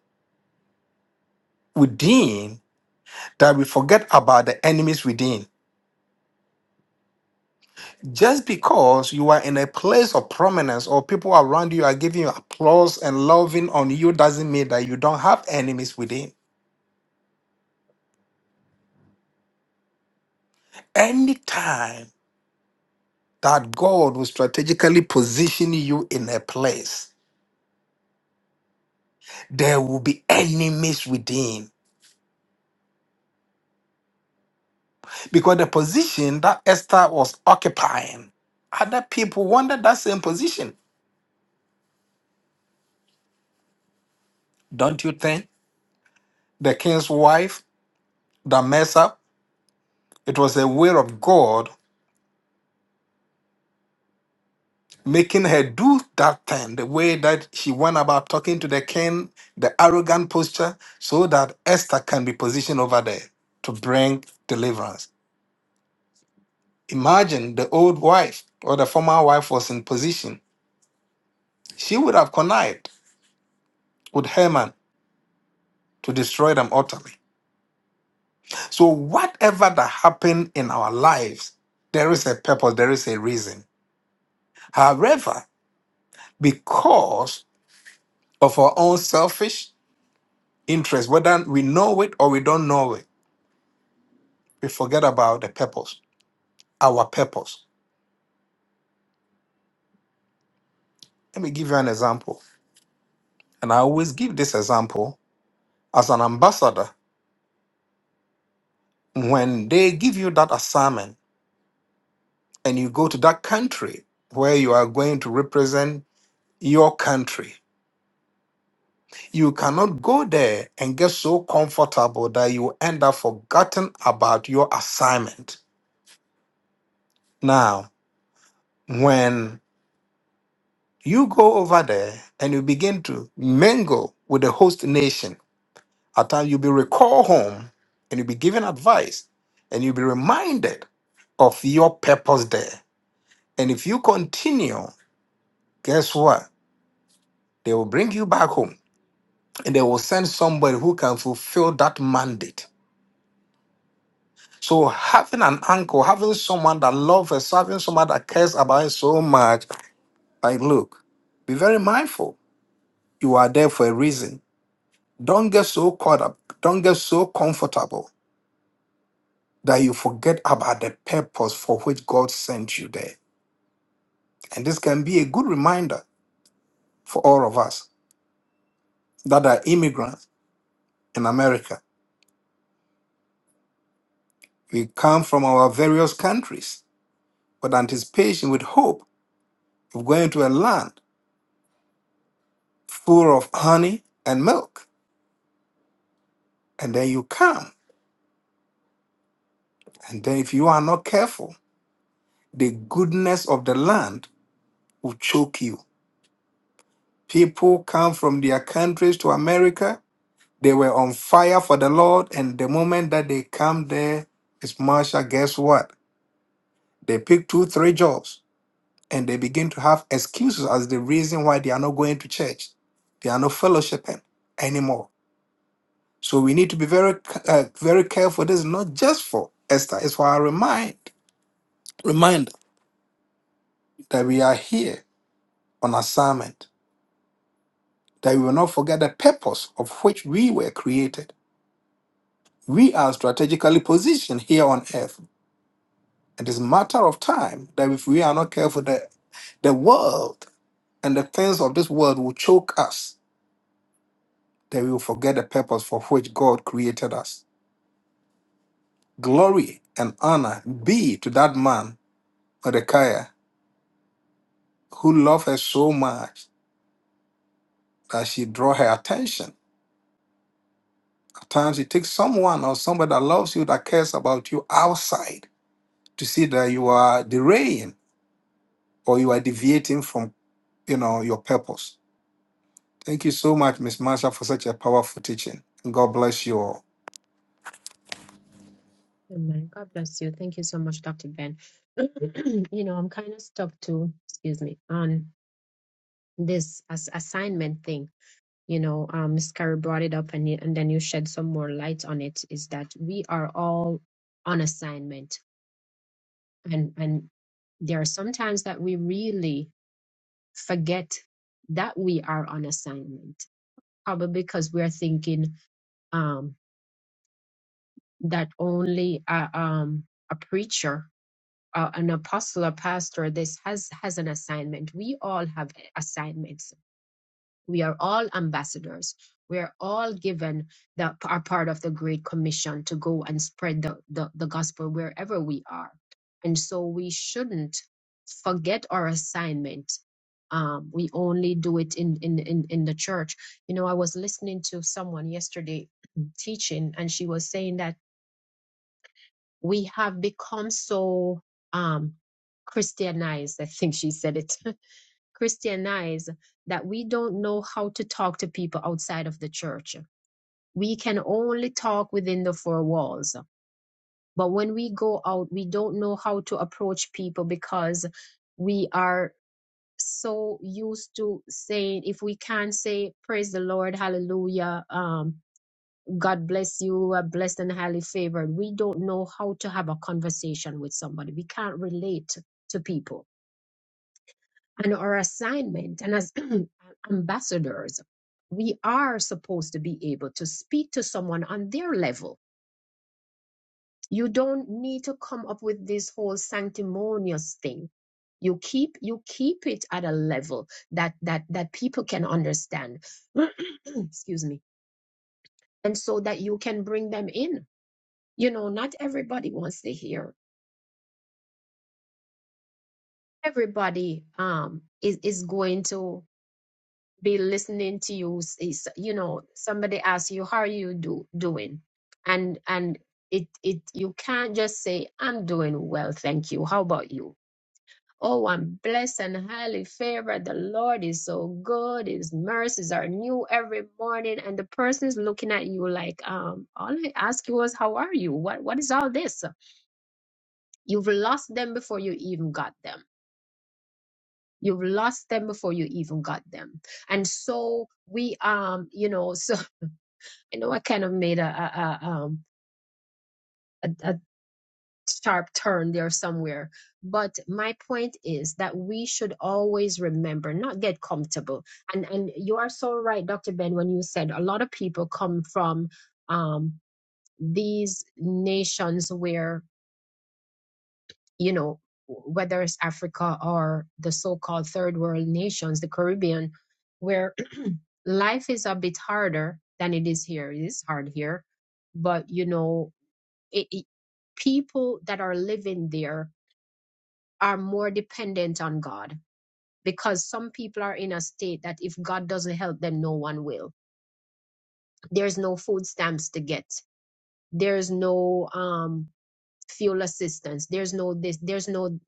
Speaker 5: within that we forget about the enemies within. Just because you are in a place of prominence or people around you are giving you applause and loving on you doesn't mean that you don't have enemies within. Anytime that God will strategically position you in a place, there will be enemies within because the position that Esther was occupying, other people wanted that same position. Don't you think? The king's wife, the mess up, it was a will of God making her do that thing, the way that she went about talking to the king, the arrogant posture, so that Esther can be positioned over there to bring deliverance. Imagine the old wife or the former wife was in position. She would have connived with Haman to destroy them utterly. So, whatever that happened in our lives, there is a purpose, there is a reason. However, because of our own selfish interest, whether we know it or we don't know it, we forget about the purpose, our purpose. Let me give you an example. And I always give this example as an ambassador. When they give you that assignment and you go to that country where you are going to represent your country, You cannot go there and get so comfortable that you end up forgotten about your assignment. Now, when you go over there and you begin to mingle with the host nation, at times you'll be recalled home and you'll be given advice and you'll be reminded of your purpose there. And if you continue, guess what? They will bring you back home and they will send somebody who can fulfill that mandate. So having an uncle, having someone that loves us, having someone that cares about us so much, like look, be very mindful. You are there for a reason. Don't get so caught up. Don't get so comfortable that you forget about the purpose for which God sent you there. And this can be a good reminder for all of us that are immigrants in America. We come from our various countries with anticipation, with hope of going to a land full of honey and milk. and then you come. And then, if you are not careful, the goodness of the land will choke you. People come from their countries to America. They were on fire for the Lord. And the moment that they come there, it's Marsha, guess what? They pick two, three jobs and they begin to have excuses as the reason why they are not going to church. They are not fellowshipping anymore. So we need to be very, uh, very careful. This is not just for Esther, it's for our remind, reminder that we are here on assignment, that we will not forget the purpose of which we were created. We are strategically positioned here on earth. It is a matter of time that if we are not careful, the, the world and the things of this world will choke us, that we will forget the purpose for which God created us. Glory and honor be to that man, Mordecai, who loved her so much that she drew her attention. At times it takes someone or somebody that loves you, that cares about you outside to see that you are deraying or you are deviating from you know your purpose. Thank you so much, Miss Marsha, for such a powerful teaching. God bless you all.
Speaker 1: Amen. God bless you. Thank you so much, Dr. Ben. [CLEARS THROAT] you know, I'm kind of stuck too. Excuse me. On this as assignment thing you know um Ms. Carey brought it up and, you- and then you shed some more light on it is that we are all on assignment and and there are some times that we really forget that we are on assignment probably because we're thinking um that only a, um a preacher uh, an apostle a pastor this has has an assignment we all have assignments we are all ambassadors we are all given the are part of the great commission to go and spread the, the the gospel wherever we are and so we shouldn't forget our assignment um, we only do it in, in in in the church you know i was listening to someone yesterday [CLEARS THROAT] teaching and she was saying that we have become so um christianized i think she said it [LAUGHS] Christianize that we don't know how to talk to people outside of the church. We can only talk within the four walls. But when we go out, we don't know how to approach people because we are so used to saying, if we can't say, praise the Lord, hallelujah, um, God bless you, you are blessed and highly favored, we don't know how to have a conversation with somebody. We can't relate to people. and our assignment and as [CLEARS THROAT] ambassadors we are supposed to be able to speak to someone on their level you don't need to come up with this whole sanctimonious thing you keep you keep it at a level that that that people can understand [CLEARS THROAT] excuse me and so that you can bring them in you know not everybody wants to hear everybody um is is going to be listening to you is you know somebody asks you how are you do doing and and it it you can't just say i'm doing well thank you how about you oh i'm blessed and highly favored the lord is so good his mercies are new every morning and the person is looking at you like um all i asked you was how are you what what is all this you've lost them before you even got them you've lost them before you even got them and so we um you know [LAUGHS] so you know, I kind of made a, a, a, um, a, a sharp turn there somewhere. But my point is that we should always remember, not get comfortable. And and you are so right, Dr. Ben, when you said a lot of people come from um, these nations where you know whether it's Africa or the so-called third world nations, the Caribbean, where [CLEARS THROAT] life is a bit harder than it is here. It is hard here, but you know it, it- people that are living there are more dependent on God because some people are in a state that if God doesn't help them, no one will. There's no food stamps to get. There's no um, fuel assistance. There's no this. There's no,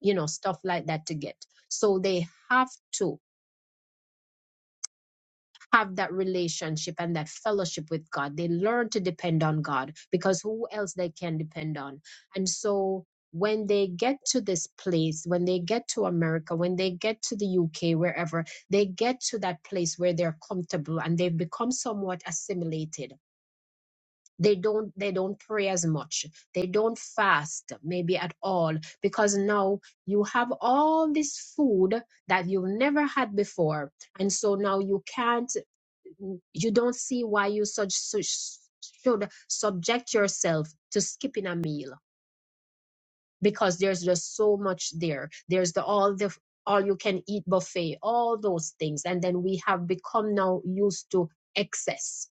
Speaker 1: you know, stuff like that to get. So they have to have that relationship and that fellowship with God. They learn to depend on God because who else they can depend on. And so when they get to this place, when they get to America, when they get to the UK, wherever, they get to that place where they're comfortable and they've become somewhat assimilated. They don't they don't pray as much. They don't fast maybe at all because now you have all this food that you've never had before and so now you can't you don't see why you such, such should subject yourself to skipping a meal because there's just so much there. There's the all the all you can eat buffet, all those things, and then we have become now used to excess.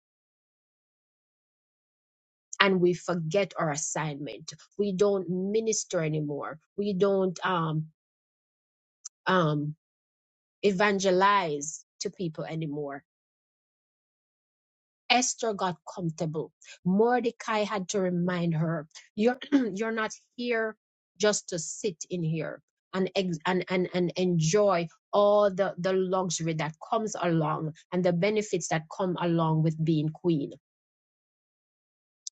Speaker 1: And we forget our assignment. We don't minister anymore. We don't um, um, evangelize to people anymore Esther got comfortable. Mordecai had to remind her, you're, [CLEARS THROAT] you're not here just to sit in here and, ex- and, and, and enjoy all the, the luxury that comes along and the benefits that come along with being queen.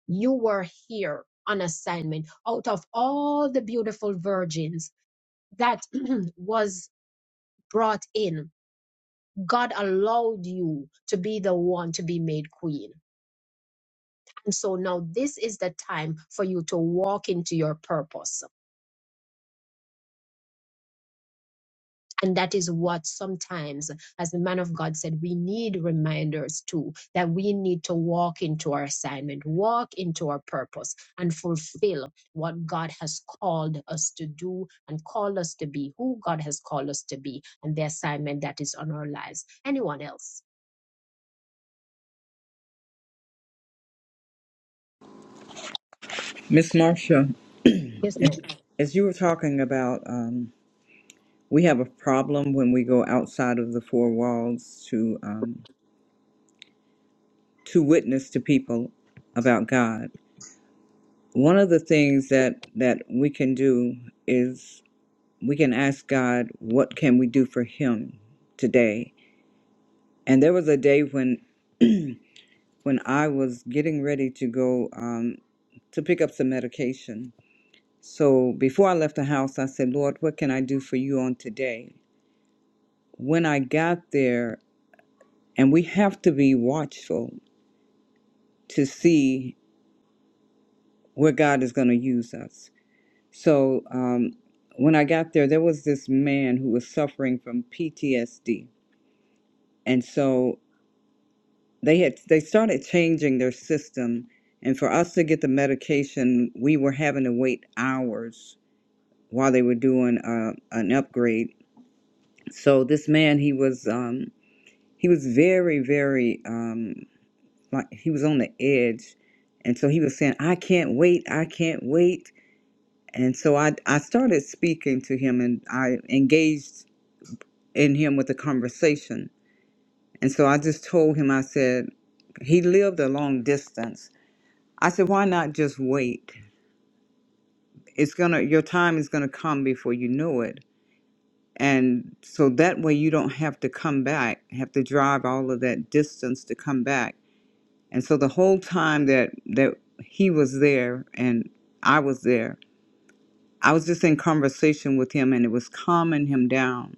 Speaker 1: You were here on assignment out of all the beautiful virgins that [CLEARS THROAT] was brought in. God allowed you to be the one to be made queen And so now this is the time for you to walk into your purpose. And that is what sometimes, as the man of God said, we need reminders too, that we need to walk into our assignment, walk into our purpose, and fulfill what God has called us to do and called us to be, who God has called us to be, and the assignment that is on our lives. Anyone else?
Speaker 6: Miss Marcia,
Speaker 1: Yes, ma'am.
Speaker 6: as you were talking about, um, we have a problem when we go outside of the four walls to um, to witness to people about God. One of the things that that we can do is we can ask God, "What can we do for Him today?" And there was a day when [CLEARS THROAT] when I was getting ready to go um, to pick up some medication. So before I left the house, I said, Lord, what can I do for you on today? When I got there, and we have to be watchful to see where God is going to use us. So um, when I got there, there was this man who was suffering from PTSD. And so they had they started changing their system and for us to get the medication we were having to wait hours while they were doing uh, an upgrade so this man he was um he was very very um like he was on the edge and so he was saying i can't wait i can't wait and so i i started speaking to him and i engaged in him with a conversation and so i just told him i said he lived a long distance I said, why not just wait? It's gonna your time is gonna come before you know it. And so that way you don't have to come back, have to drive all of that distance to come back. And so the whole time that that he was there and I was there, I was just in conversation with him and it was calming him down.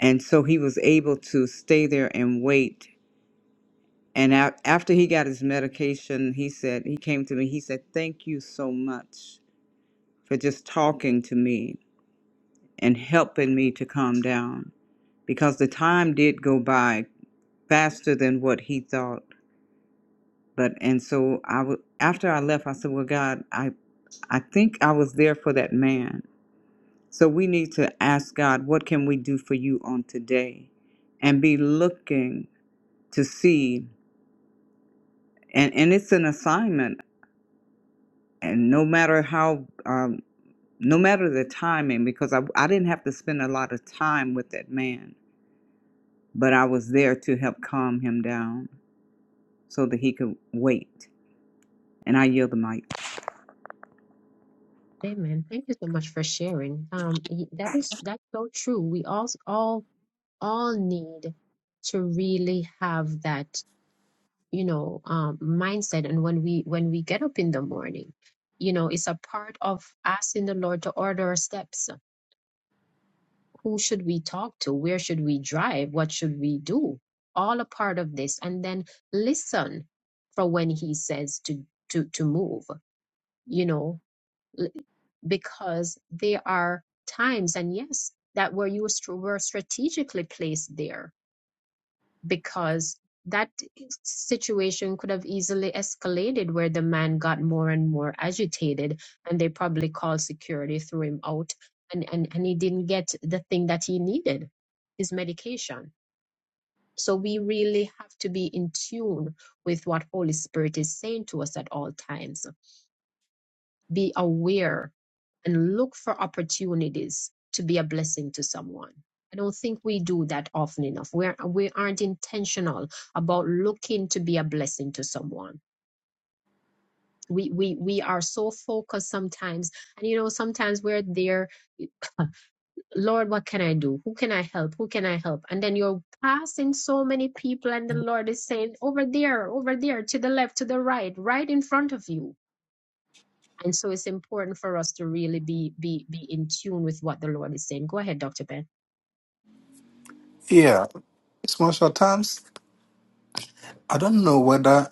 Speaker 6: And so he was able to stay there and wait. And a- after he got his medication, he said, he came to me, he said, Thank you so much for just talking to me and helping me to calm down because the time did go by faster than what he thought. But and so I w- after I left, I said, "Well, God, I I think I was there for that man. So we need to ask God, what can we do for you on today, and be looking to see. And and it's an assignment, and no matter how." Um, no matter the timing, because I, I didn't have to spend a lot of time with that man, but I was there to help calm him down. so that he could wait. And I yield the mic.
Speaker 1: Amen. Thank you so much for sharing. Um, y- that is that's so true. We all all all need to really have that. you know um, mindset and when we when we get up in the morning you know it's a part of asking the lord to order our steps who should we talk to where should we drive what should we do all a part of this and then listen for when he says to to to move you know l- because there are times and yes that where you were str- were strategically placed there because that situation could have easily escalated where the man got more and more agitated and they probably called security threw him out and, and, and he didn't get the thing that he needed his medication so we really have to be in tune with what holy spirit is saying to us at all times be aware and look for opportunities to be a blessing to someone. I don't think we do that often enough. We're, we aren't intentional about looking to be a blessing to someone. We, we, we are so focused sometimes. And you know, sometimes we're there, "Huh, Lord, what can I do? Who can I help? Who can I help? And then you're passing so many people, and the Lord is saying, over there, over there, to the left, to the right, right in front of you And so it's important for us to really be be be in tune with what the Lord is saying. Go ahead, Dr. Ben.
Speaker 5: Yeah, Miss Marsha, times I don't know whether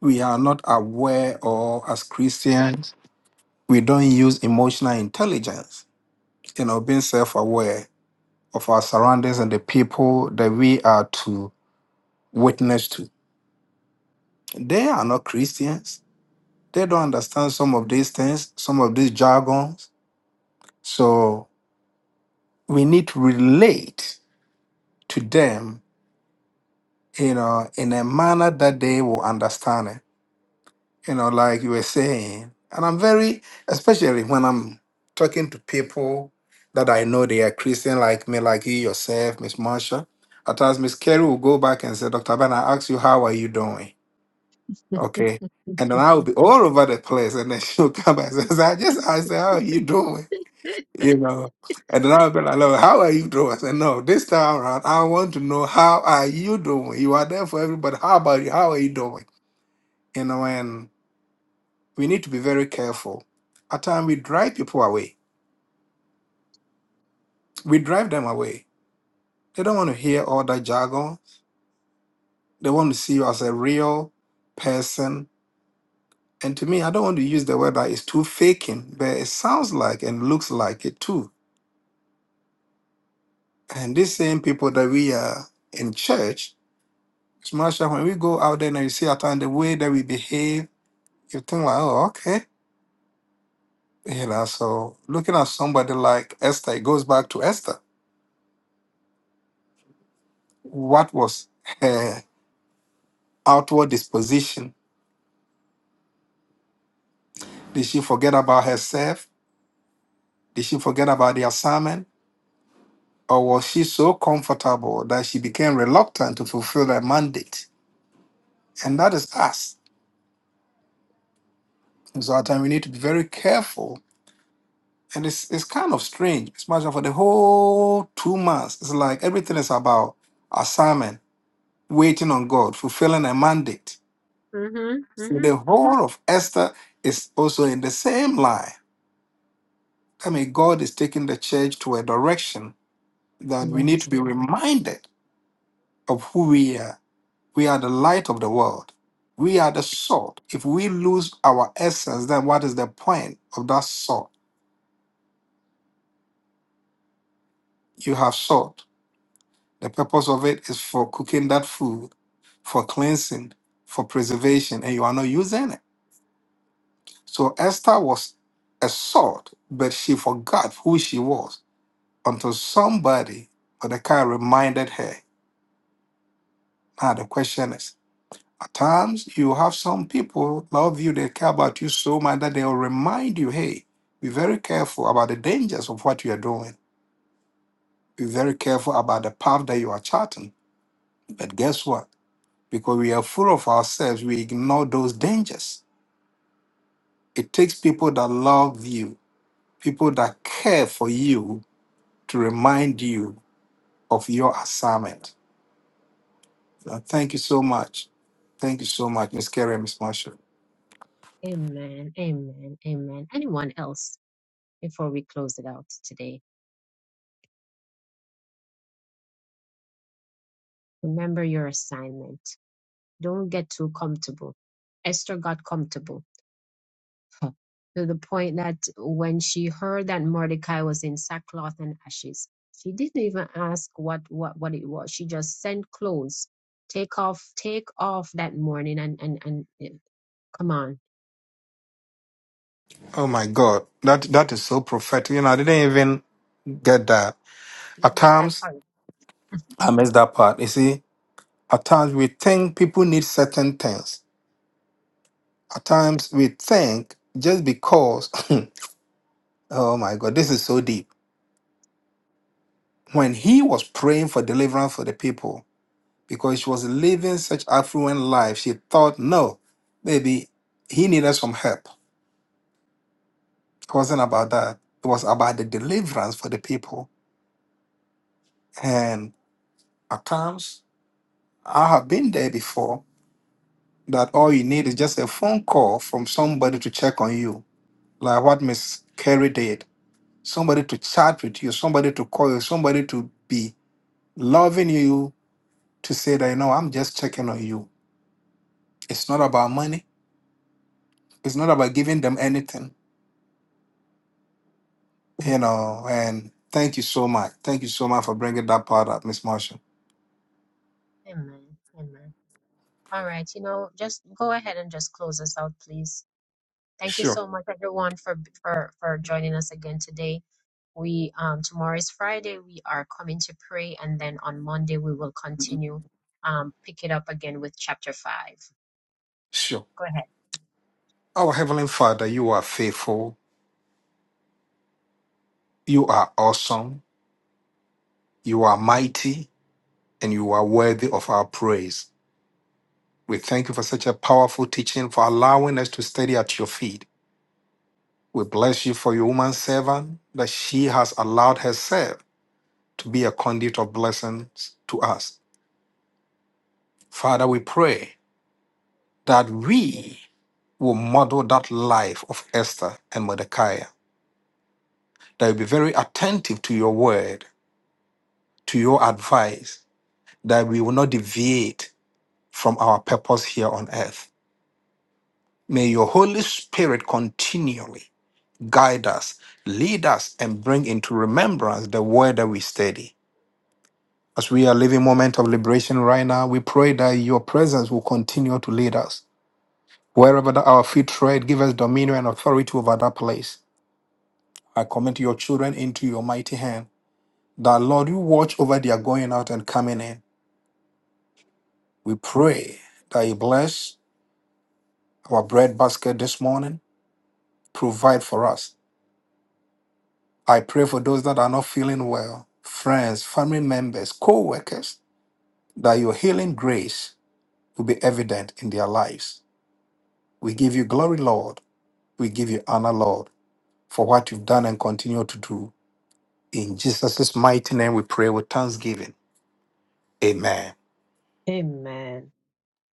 Speaker 5: we are not aware or as Christians we don't use emotional intelligence. You know, being self-aware of our surroundings and the people that we are to witness to. They are not Christians. They don't understand some of these things, some of these jargons. So we need to relate to them, you know, in a manner that they will understand it, you know, like you were saying. And I'm very, especially when I'm talking to people that I know they are Christian, like me, like you yourself, Miss Marsha. At times, Miss Carey will go back and say, Dr. Ben, I asked you, how are you doing? Okay. And then I will be all over the place. And then [LAUGHS] she'll come back and say, I just asked her, how are you doing? you know. And then I'll be like, "Look, how are you doing? I said, no, this time around, I want to know how are you doing? You are there for everybody. How about you? How are you doing? You know, and we need to be very careful. At times, we drive people away. We drive them away. They don't want to hear all that jargon. They want to see you as a real person. And to me, I don't want to use the word that is too faking, but it sounds like and looks like it too. And these same people that we are in church, Smash that when we go out there and you see at and the way that we behave, you think like, oh, okay. You know, so looking at somebody like Esther, it goes back to Esther. What was her outward disposition? Did she forget about herself? Did she forget about the assignment? Or was she so comfortable that she became reluctant to fulfill that mandate? And that is us. And so at times we need to be very careful And it's it's kind of strange. Especially for the whole two months, it's like everything is about assignment, waiting on God, fulfilling a mandate.
Speaker 1: Mm-hmm.
Speaker 5: So
Speaker 1: Mm-hmm.
Speaker 5: The whole of Esther is also in the same line. I mean, God is taking the church to a direction that we need
Speaker 1: Yes.
Speaker 5: to be reminded of who we are. We are the light of the world. We are the salt. If we lose our essence, then what is the point of that salt? You have salt. The purpose of it is for cooking that food for cleansing, for preservation, and you are not using it. So Esther was a salt, but she forgot who she was until somebody or the car reminded her. Now the question is, at times you have some people love you, they care about you so much that they'll remind you, hey, be very careful about the dangers of what you are doing. Be very careful about the path that you are charting. But guess what? Because we are full of ourselves, we ignore those dangers. It takes people that love you people that care for you to remind you of your assignment. Uh, Thank you so much. Thank you so much, Miss Kerry and Miss Marshall.
Speaker 1: Amen. Amen. Amen. Anyone else before we close it out today? Remember your assignment. Don't get too comfortable. Esther got comfortable. [LAUGHS] to the point that when she heard that Mordecai was in sackcloth and ashes, she didn't even ask what what what it was. She just sent clothes, take off, take off that morning, and and and eh, come on,
Speaker 5: Oh my God, that that is so prophetic. You know, I didn't even get that.
Speaker 1: you
Speaker 5: At
Speaker 1: missed that
Speaker 5: times,
Speaker 1: part.
Speaker 5: I missed that part. You see, at times we think people need certain things. At times we think just because. [LAUGHS] [CLEARS THROAT] oh my God, this is so deep. When he was praying for deliverance for the people, because she was living such affluent life. She thought, no, maybe he needed some help. It wasn't about that. It was about the deliverance for the people. And at times, I have been there before that all you need is just a phone call from somebody to check on you, like what Miss Carey did. Somebody to chat with you, somebody to call you, somebody to be loving you to say that, you know, I'm just checking on you. It's not about money. It's not about giving them anything you know, and thank you so much. Thank you so much for bringing that part up, Miss Marshall.
Speaker 1: Amen. Amen. All right. You know, just go ahead and just close us out, please. Thank you
Speaker 5: Sure,
Speaker 1: so much, everyone, for for for joining us again today. We um, tomorrow is Friday. We are coming to pray, and then on Monday we will continue, um, pick it up again with chapter five.
Speaker 5: sure.
Speaker 1: Go ahead.
Speaker 5: Our Heavenly Father, you are faithful, you are awesome, you are mighty, and you are worthy of our praise. We thank you for such a powerful teaching, for allowing us to study at your feet. We bless you for your woman servant that she has allowed herself to be a conduit of blessings to us. Father, we pray that we will model that life of Esther and Mordecai that we'll be very attentive to your word, to your advice, that we will not deviate from our purpose here on earth. May your Holy Spirit continually guide us, lead us, and bring into remembrance the word that we study. As we are living moment of liberation right now, we pray that your presence will continue to lead us. Wherever that our feet tread, give us dominion and authority over that place. I commit your children into your mighty hand, that Lord, you watch over their going out and coming in We pray that you bless our bread basket this morning, provide for us. I pray for those that are not feeling well, friends, family members, co workers, that your healing grace will be evident in their lives. We give you glory, Lord. We give you honor, Lord, for what you've done and continue to do. In Jesus' mighty name, we pray with thanksgiving. Amen.
Speaker 1: Amen.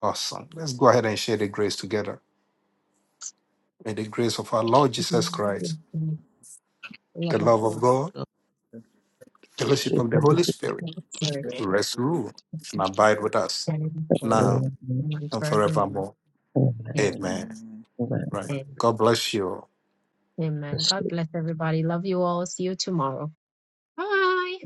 Speaker 5: Awesome. Let's go ahead and share the grace together. May the grace of our Lord Jesus
Speaker 1: Amen.
Speaker 5: Christ,
Speaker 1: Amen. The
Speaker 5: the
Speaker 1: love of
Speaker 5: love of
Speaker 1: God,
Speaker 5: God, fellowship of the Holy Spirit
Speaker 1: the Spirit,
Speaker 5: rest, rule, and abide with us
Speaker 1: and the Lord,
Speaker 5: now
Speaker 1: now and
Speaker 5: and
Speaker 1: forevermore.
Speaker 5: forevermore.
Speaker 1: Amen.
Speaker 5: Amen. Right.
Speaker 1: Amen.
Speaker 5: God bless you. all.
Speaker 1: Amen. God bless everybody. Love you all. See you tomorrow. Bye.